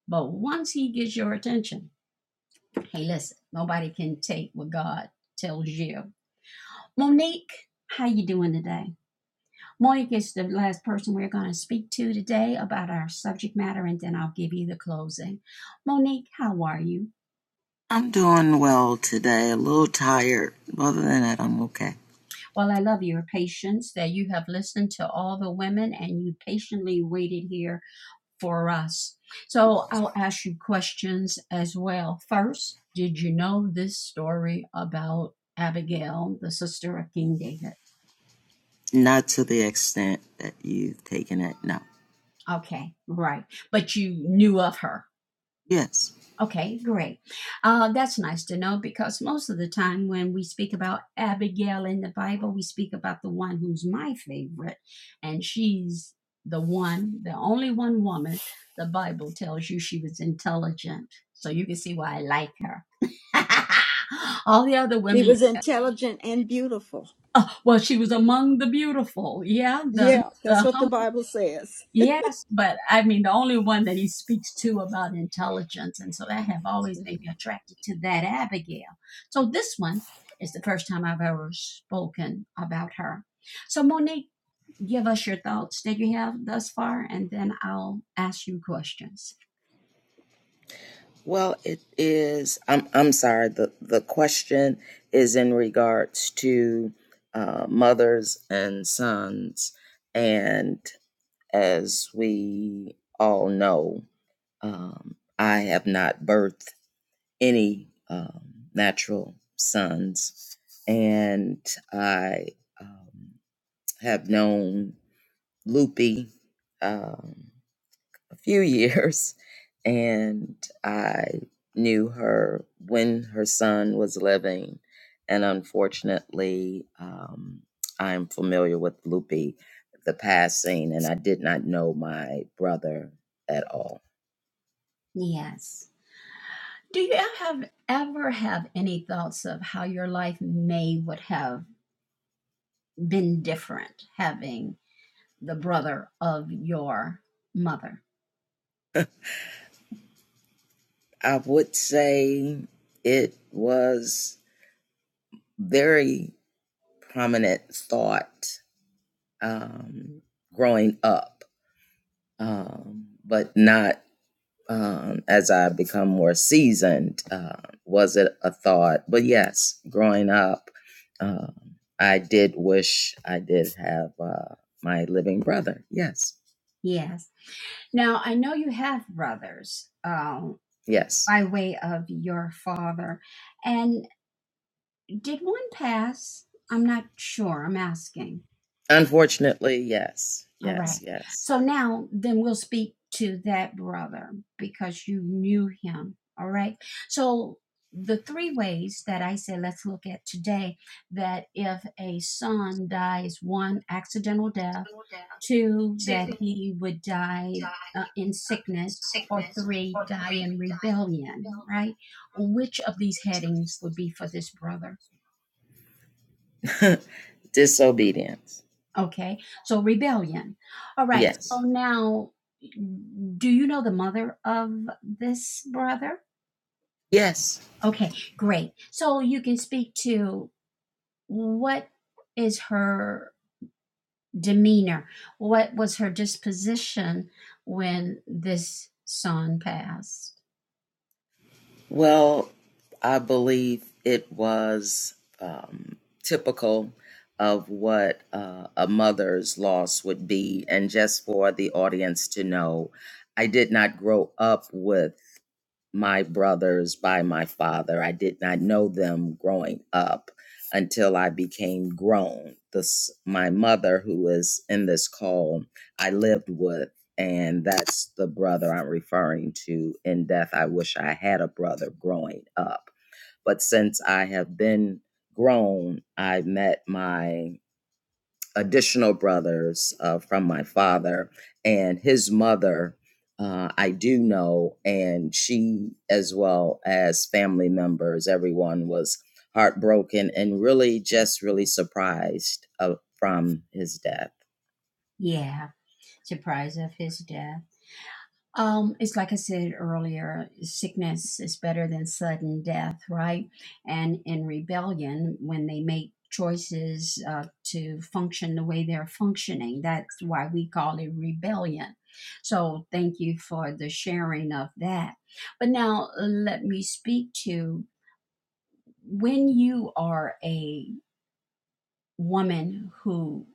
Speaker 1: But once he gets your attention, hey, listen, nobody can take what God tells you. Monique, how you doing today? Monique is the last person we're going to speak to today about our subject matter, and then I'll give you the closing. Monique, how are you?
Speaker 5: I'm doing well today, a little tired. Other than that, I'm okay.
Speaker 1: Well, I love your patience that you have listened to all the women and you patiently waited here for us. So I'll ask you questions as well. First, did you know this story about Abigail, the sister of King David?
Speaker 5: Not to the extent that you've taken it. No.
Speaker 1: Okay, right. But you knew of her.
Speaker 5: Yes.
Speaker 1: Okay, great. Uh, that's nice to know because most of the time when we speak about Abigail in the Bible, we speak about the one who's my favorite, and she's the one, the only one woman the Bible tells you she was intelligent. So you can see why I like her. All the other
Speaker 4: He
Speaker 1: women,
Speaker 4: was intelligent and beautiful.
Speaker 1: well, she was among the beautiful. Yeah, the,
Speaker 4: Yeah, that's
Speaker 1: the
Speaker 4: what the Bible says.
Speaker 1: Yes, but I mean the only one that he speaks to about intelligence, and so I have always made me attracted to that Abigail. So this one is the first time I've ever spoken about her. So Monique, give us your thoughts that you have thus far, and then I'll ask you questions.
Speaker 5: Well, it is. I'm. I'm sorry. the The question is in regards to uh, mothers and sons, and as we all know, um, I have not birthed any um, natural sons, and I. Um, have known Loopy um, a few years, and I knew her when her son was living. And unfortunately, um, I'm familiar with Loopy, the passing, and I did not know my brother at all.
Speaker 1: Yes. Do you have ever have any thoughts of how your life may would have been different having the brother of your mother?
Speaker 5: I would say it was very prominent thought um, growing up, um, but not um, as I become more seasoned, uh, was it a thought? But yes, growing up, um, I did wish I did have uh, my living brother. Yes,
Speaker 1: Yes. Now, I know you have brothers um,
Speaker 5: yes.
Speaker 1: by way of your father. And did one pass? I'm not sure. I'm asking.
Speaker 5: Unfortunately, yes,
Speaker 1: All
Speaker 5: yes,
Speaker 1: right.
Speaker 5: yes.
Speaker 1: So now then we'll speak to that brother because you knew him. All right. So the three ways that I say let's look at today that if a son dies one accidental death, two that he would die uh, in sickness, or three die in rebellion, right? Which of these headings would be for this brother?
Speaker 5: Disobedience.
Speaker 1: Okay, so rebellion. All right,
Speaker 5: Yes,
Speaker 1: so now mm, do you know the mother of this brother?
Speaker 5: yes.
Speaker 1: Okay, great. So you can speak to what is her demeanor? What was her disposition when this son passed?
Speaker 5: Well, I believe it was um, typical of what uh, a mother's loss would be. And just for the audience to know, I did not grow up with my brothers by my father. I did not know them growing up until I became grown. This my mother who is in this call I lived with and that's the brother I'm referring to in death. I wish I had a brother growing up. But since I have been grown, I met my additional brothers uh, from my father and his mother. Uh, I do know, and she, as well as family members, everyone was heartbroken and really just really surprised uh, from his death.
Speaker 1: Yeah, surprise of his death. Um, it's like I said earlier, sickness is better than sudden death, right? And in rebellion, when they make choices uh, to function the way they're functioning, that's why we call it rebellion. So thank you for the sharing of that. But now uh, let me speak to when you are a woman who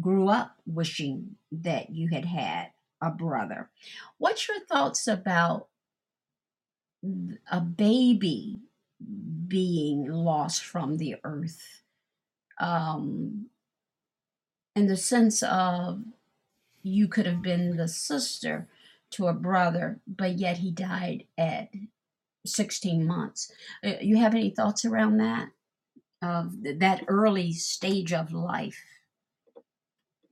Speaker 1: grew up wishing that you had had a brother. What's your thoughts about? a baby being lost from the earth um, in the sense of you could have been the sister to a brother, but yet he died at 16 months. Uh, You have any thoughts around that? Of th- that early stage of life?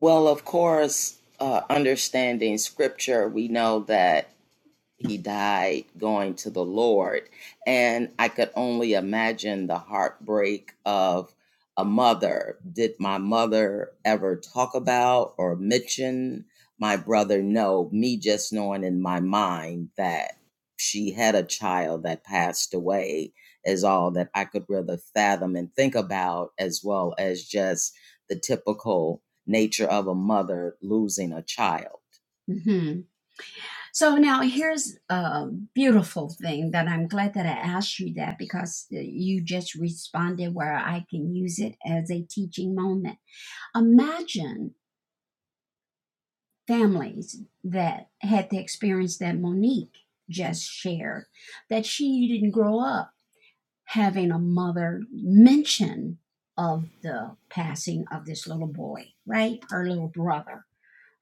Speaker 5: Well, of course, uh, understanding scripture, we know that he died going to the Lord. And I could only imagine the heartbreak of a mother. Did my mother ever talk about or mention my brother? No, me just knowing in my mind that she had a child that passed away is all that I could really fathom and think about, as well as just the typical nature of a mother losing a child.
Speaker 1: hmm So now here's a beautiful thing that I'm glad that I asked you that because uh, you just responded where I can use it as a teaching moment Imagine families that had the experience that Monique just shared, that she didn't grow up having a mother mention of the passing of this little boy, right? Her little brother,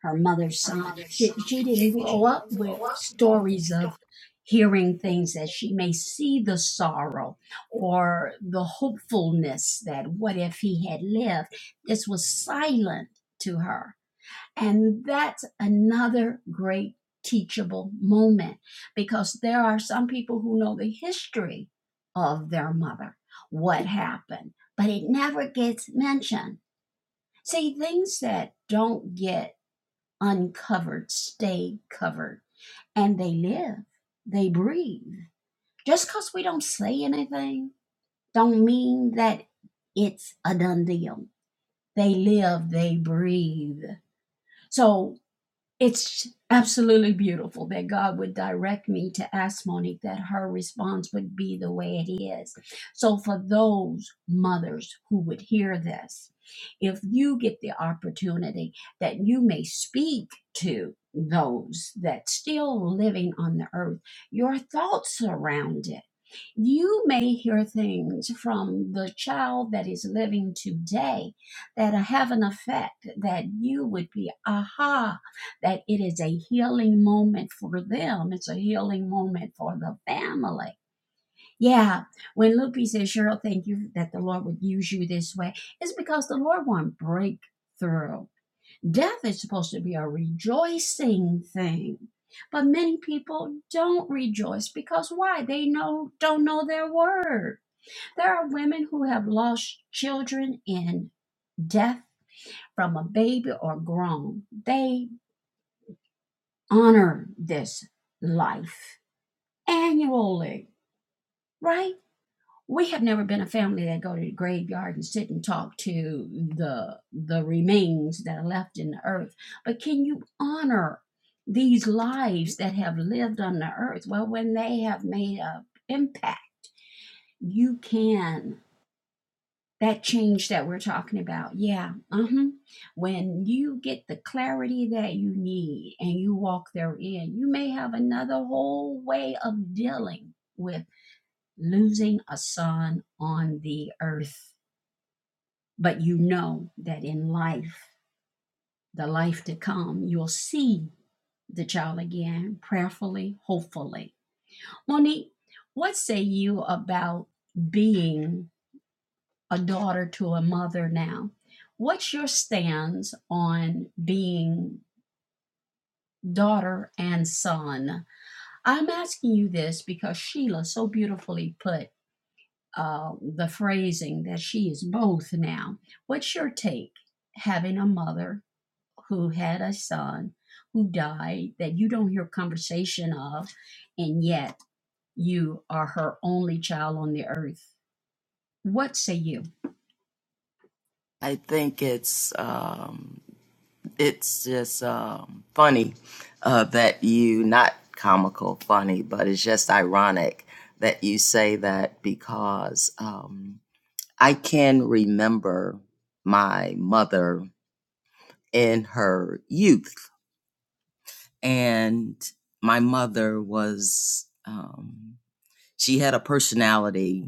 Speaker 1: her mother's son. She, she didn't grow up with stories of hearing things that she may see the sorrow or the hopefulness that what if he had lived? This was silent to her and that's another great teachable moment because there are some people who know the history of their mother, what happened, but it never gets mentioned. See, things that don't get uncovered stay covered and they live, they breathe. Just because we don't say anything, don't mean that it's a done deal. They live, they breathe. So It's absolutely beautiful that God would direct me to ask Monique that her response would be the way it is. So, for those mothers who would hear this, if you get the opportunity that you may speak to those that's still living on the earth, your thoughts around it you may hear things from the child that is living today that have an effect that you would be, aha, that it is a healing moment for them. It's a healing moment for the family. Yeah, when Lupe says, Cheryl, thank you that the Lord would use you this way, it's because the Lord wants breakthrough. Death is supposed to be a rejoicing thing. But many people don't rejoice because why? They know don't know their word. There are women who have lost children in death from a baby or grown. They honor this life annually, right? we have never been a family that go to the graveyard and sit and talk to the the remains that are left in the earth but can you honor these lives that have lived on the earth well when they have made an impact you can that change that we're talking about yeah uh-huh when you get the clarity that you need and you walk therein you may have another whole way of dealing with losing a son on the earth But you know that in life, the life to come, you'll see the child again, prayerfully, hopefully. Monique, what say you about being a daughter to a mother now? What's your stance on being daughter and son? I'm asking you this because Sheila so beautifully put uh, the phrasing that she is both now. What's your take having a mother who had a son who died that you don't hear conversation of, and yet you are her only child on the earth. What say you?
Speaker 5: I think it's. Um, it's just um, funny uh, that you not comical funny but it's just ironic that you say that because um, i can remember my mother in her youth and my mother was um, she had a personality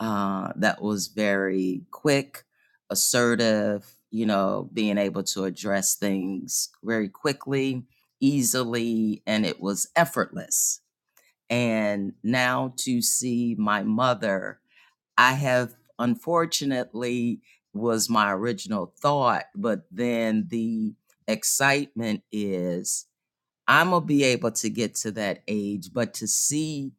Speaker 5: uh, that was very quick, assertive, you know, being able to address things very quickly, easily, and it was effortless. And now to see my mother, I have unfortunately was my original thought, but then the excitement is I'm gonna be able to get to that age, but to see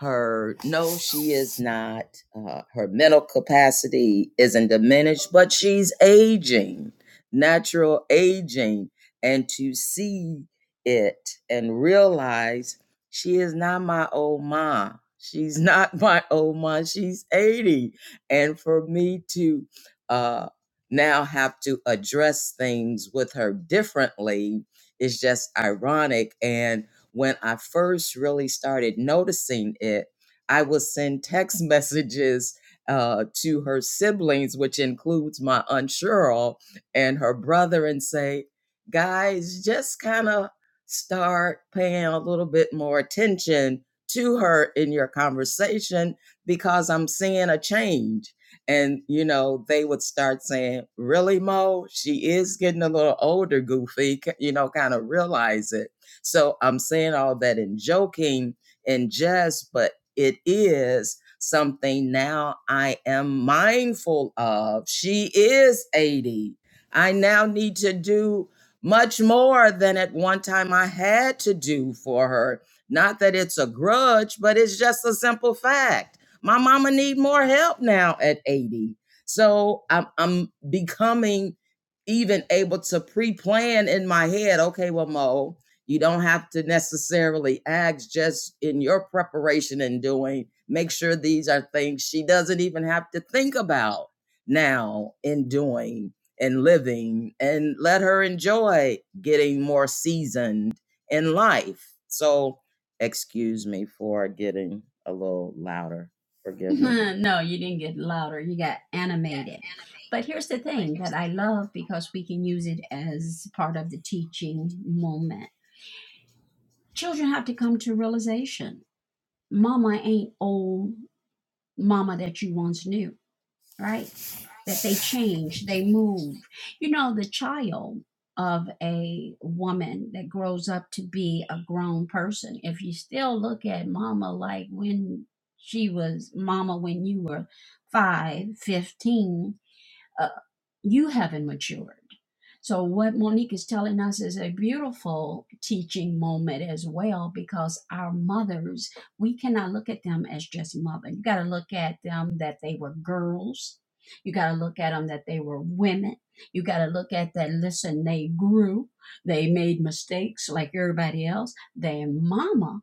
Speaker 5: her, no, she is not. Uh, her mental capacity isn't diminished, but she's aging, natural aging, and to see it and realize she is not my old mom. She's not my old mom. She's 80, and for me to uh, now have to address things with her differently is just ironic. And when I first really started noticing it, I would send text messages uh, to her siblings, which includes my Aunt Cheryl and her brother, and say, guys, just kind of start paying a little bit more attention to her in your conversation because I'm seeing a change and, you know, they would start saying, Really, Mo? She is getting a little older, Goofy, you know, kind of realize it. So I'm saying all that in joking and jest, but it is something now I am mindful of. She is 80. I now need to do much more than at one time I had to do for her. Not that it's a grudge, but it's just a simple fact my mama need more help now at 80. So I'm I'm becoming even able to pre-plan in my head, okay, well, Mo, you don't have to necessarily ask just in your preparation and doing, make sure these are things she doesn't even have to think about now in doing and living and let her enjoy getting more seasoned in life. So excuse me for getting a little louder. Forgive me.
Speaker 1: no, you didn't get louder. You got animated. But here's the thing that I love because we can use it as part of the teaching moment. Children have to come to realization. Mama ain't old mama that you once knew, right? that they change, they move. You know, the child of a woman that grows up to be a grown person, if you still look at mama like when she was mama when you were five, fifteen. uh, you haven't matured. So, what Monique is telling us is a beautiful teaching moment as well because our mothers, we cannot look at them as just mother. You got to look at them that they were girls. You got to look at them that they were women. You got to look at that, listen, they grew. They made mistakes like everybody else. Their mama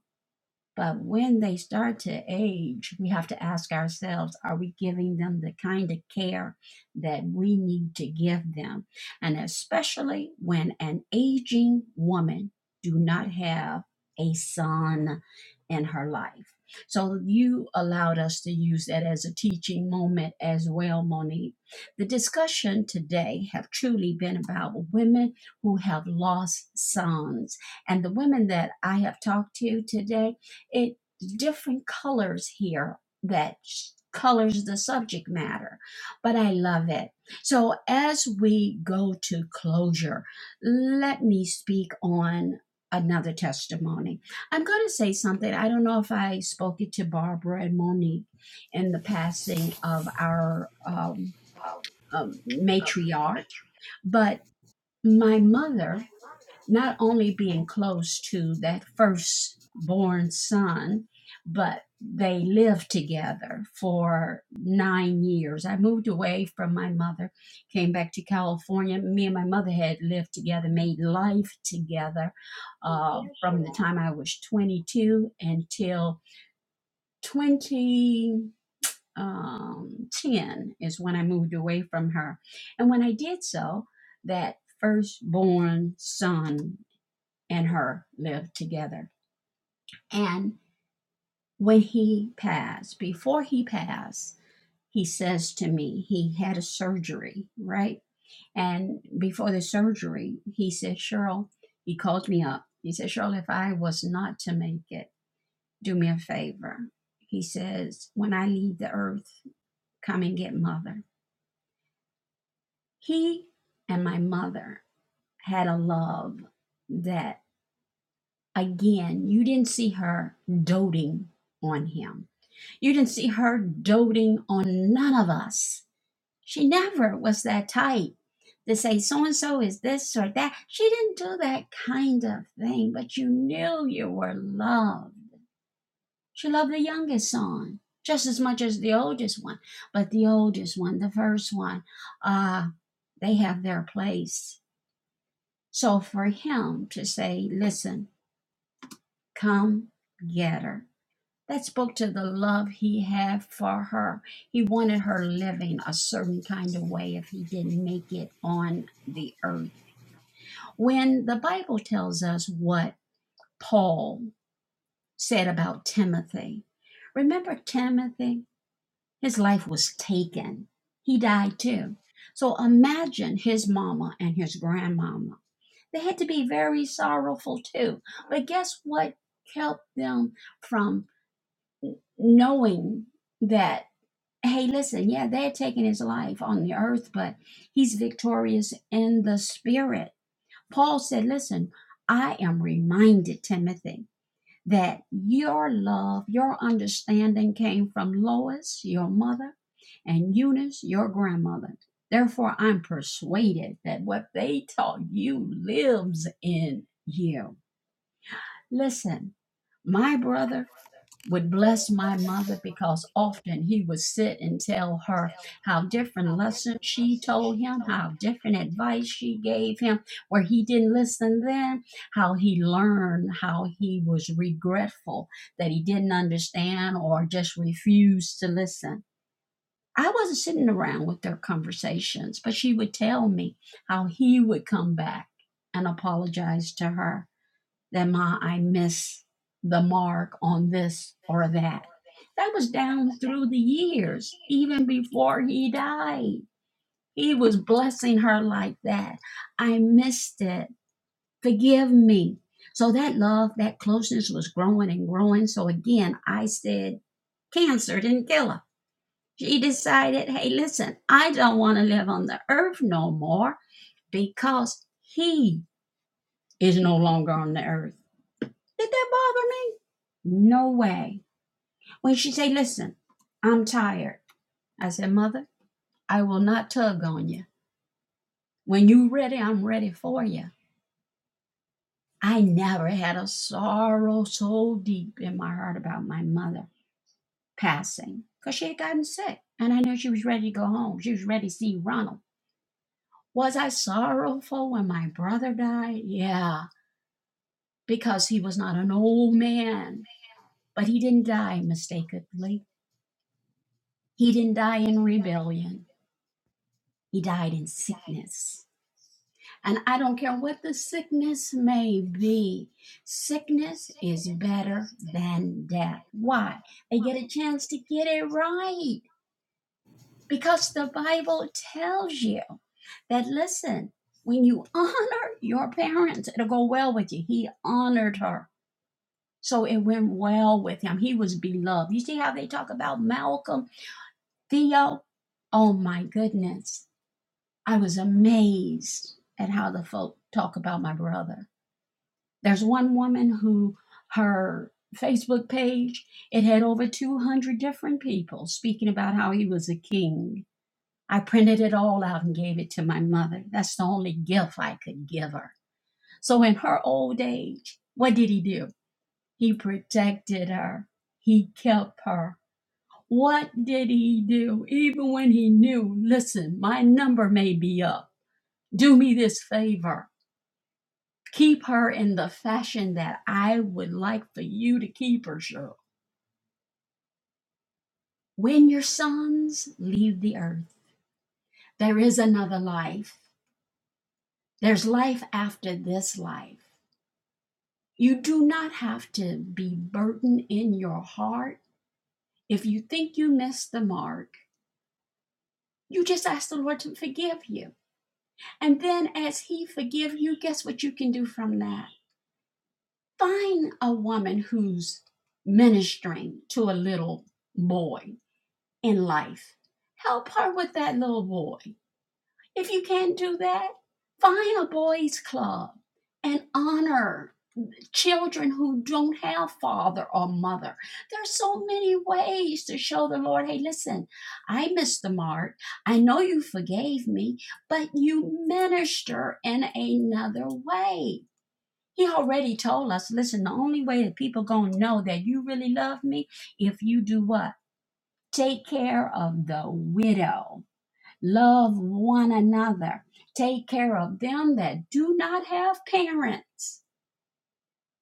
Speaker 1: but when they start to age, we have to ask ourselves are we giving them the kind of care that we need to give them? And especially when an aging woman do not have a son in her life. So you allowed us to use that as a teaching moment as well, Monique. The discussion today have truly been about women who have lost sons. And the women that I have talked to today it different colors here that colors the subject matter but i love it so as we go to closure let me speak on another testimony i'm going to say something i don't know if i spoke it to barbara and monique in the passing of our um, um, matriarch but my mother not only being close to that firstborn son, but they lived together for nine years. I moved away from my mother, came back to California. Me and my mother had lived together, made life together uh, from the time I was 22 until 2010 is when I moved away from her. And when I did so, that firstborn son and her lived together. And when he passed, before he passed, he says to me, he had a surgery, right? And before the surgery, he said, Cheryl, he called me up. He said, Cheryl, if I was not to make it, do me a favor. He says, when I leave the earth, come and get mother. He and my mother had a love that, again, you didn't see her doting on him You didn't see her doting on none of us. She never was that type to say so and so is this or that. She didn't do that kind of thing, but you knew you were loved. She loved the youngest son just as much as the oldest one, but the oldest one, the first one, uh, they have their place. So for him to say, listen, come get her That spoke to the love he had for her. He wanted her living a certain kind of way if he didn't make it on the earth. When the Bible tells us what Paul said about Timothy, remember Timothy? His life was taken. He died too. So imagine his mama and his grandmama. They had to be very sorrowful too. But guess what helped them from knowing that? hey, listen, yeah, they're taking his life on the earth, but he's victorious in the spirit. Paul said, listen, I am reminded, Timothy, that your love, your understanding came from Lois, your mother, and Eunice, your grandmother. Therefore, I'm persuaded that what they taught you lives in you. Listen, my brother, would bless my mother because often he would sit and tell her how different lessons she told him, how different advice she gave him, where he didn't listen then, how he learned, how he was regretful that he didn't understand or just refused to listen. I wasn't sitting around with their conversations, but she would tell me how he would come back and apologize to her that Ma, I miss the mark on this or that. That was down through the years, even before he died. He was blessing her like that. I missed it. Forgive me. So that love, that closeness was growing and growing. So again, I said, Cancer didn't kill her. She decided, hey, listen, I don't want to live on the earth no more because he is no longer on the earth. Did that bother me? No way. When she say, listen, I'm tired. I said, mother, I will not tug on you. When you ready, I'm ready for you. I never had a sorrow so deep in my heart about my mother passing because she had gotten sick and I knew she was ready to go home. She was ready to see Ronald. Was I sorrowful when my brother died? Yeah, because he was not an old man, but he didn't die mistakenly. He didn't die in rebellion. He died in sickness. And I don't care what the sickness may be, sickness is better than death. Why? They get a chance to get it right because the Bible tells you that, listen, when you honor your parents, it'll go well with you. He honored her. So it went well with him. He was beloved. You see how they talk about Malcolm, Theo? Oh my goodness I was amazed at how the folk talk about my brother. There's one woman who her Facebook page it had over 200 different people speaking about how he was a king. I printed it all out and gave it to my mother. That's the only gift I could give her. So in her old age, what did he do? He protected her. He kept her. What did he do? Even when he knew, listen, my number may be up. Do me this favor. keep her in the fashion that I would like for you to keep her, Cheryl. When your sons leave the earth, there is another life. There's life after this life. You do not have to be burdened in your heart. If you think you missed the mark, you just ask the Lord to forgive you. And then as he forgives you, guess what you can do from that? Find a woman who's ministering to a little boy in life. Help her with that little boy. If you can't do that, find a boys' club and honor children who don't have father or mother. There's so many ways to show the Lord, hey, listen, I missed the mark. I know you forgave me, but you minister in another way. He already told us, listen, the only way that people gonna know that you really love me if you do what? Take care of the widow Love one another. Take care of them that do not have parents.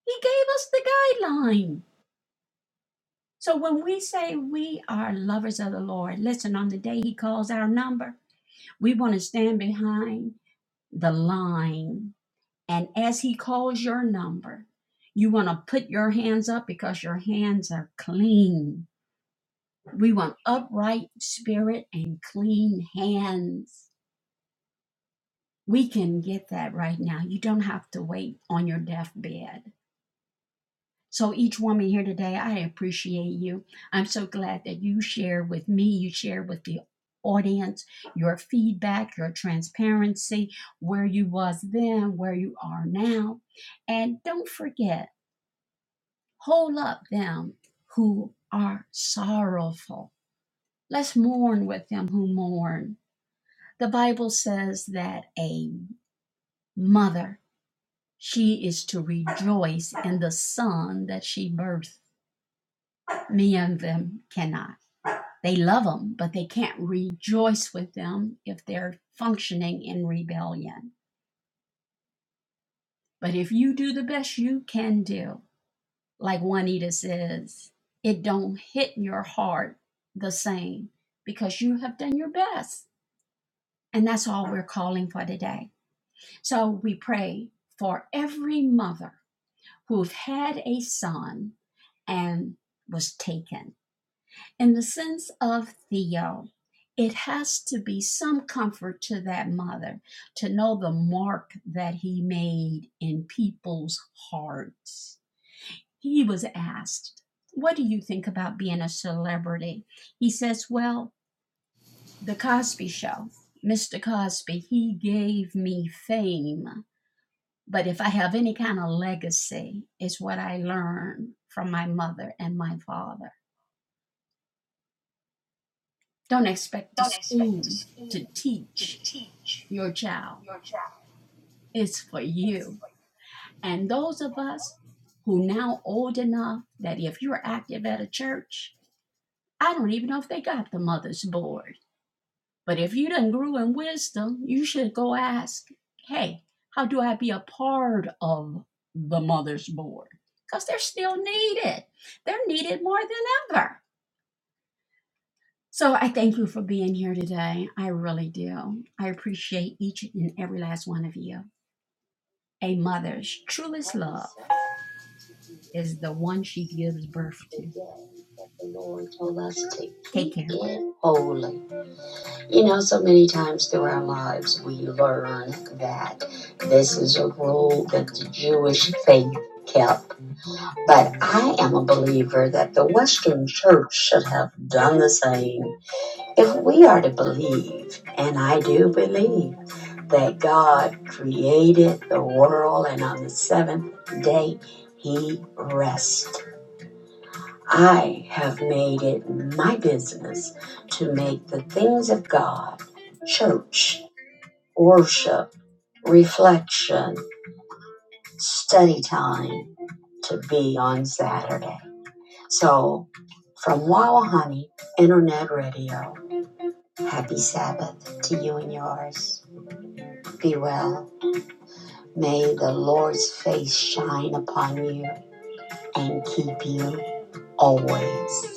Speaker 1: He gave us the guideline. So when we say we are lovers of the Lord, listen, on the day He calls our number, we want to stand behind the line. And as He calls your number, you want to put your hands up because your hands are clean. We want upright spirit and clean hands. we can get that right now. You don't have to wait on your deathbed. So, each woman here today, I appreciate you. I'm so glad that you shared with me, you shared with the audience your feedback, your transparency, where you was then, where you are now. And don't forget, hold up them who are sorrowful. Let's mourn with them who mourn. The Bible says that a mother She is to rejoice in the son that she birthed. Many of them cannot. They love them, but they can't rejoice with them if they're functioning in rebellion. But if you do the best you can do, like Juanita says, it don't hit your heart the same because you have done your best. And that's all we're calling for today. So we pray for every mother who've had a son and was taken in the sense of Theo, it has to be some comfort to that mother to know the mark that he made in people's hearts. He was asked, What do you think about being a celebrity? He says, Well, the Cosby Show, Mr. Cosby, he gave me fame. But if I have any kind of legacy, it's what I learned from my mother and my father. Don't expect the school to teach your child is for you. And those of us who now old enough that if you're active at a church, I don't even know if they got the mother's board. But if you done grew in wisdom, you should go ask, hey, how do I be a part of the mother's board? Because they're still needed. They're needed more than ever. So I thank you for being here today. I really do. I appreciate each and every last one of you. A mother's truest love. is the one she gives birth to. That The Lord told us to Take care. get holy. You know, so many times through our lives we learn that this is a rule that the Jewish faith kept. But I am a believer that the Western church should have done the same. If we are to believe, and I do believe, that God created the world and on the seventh day he rested. I have made it my business to make the things of God, church, worship, reflection, study time to be on Saturday. So, from Wow Honey Internet Radio, happy Sabbath to you and yours. Be well. May the Lord's face shine upon you and keep you always.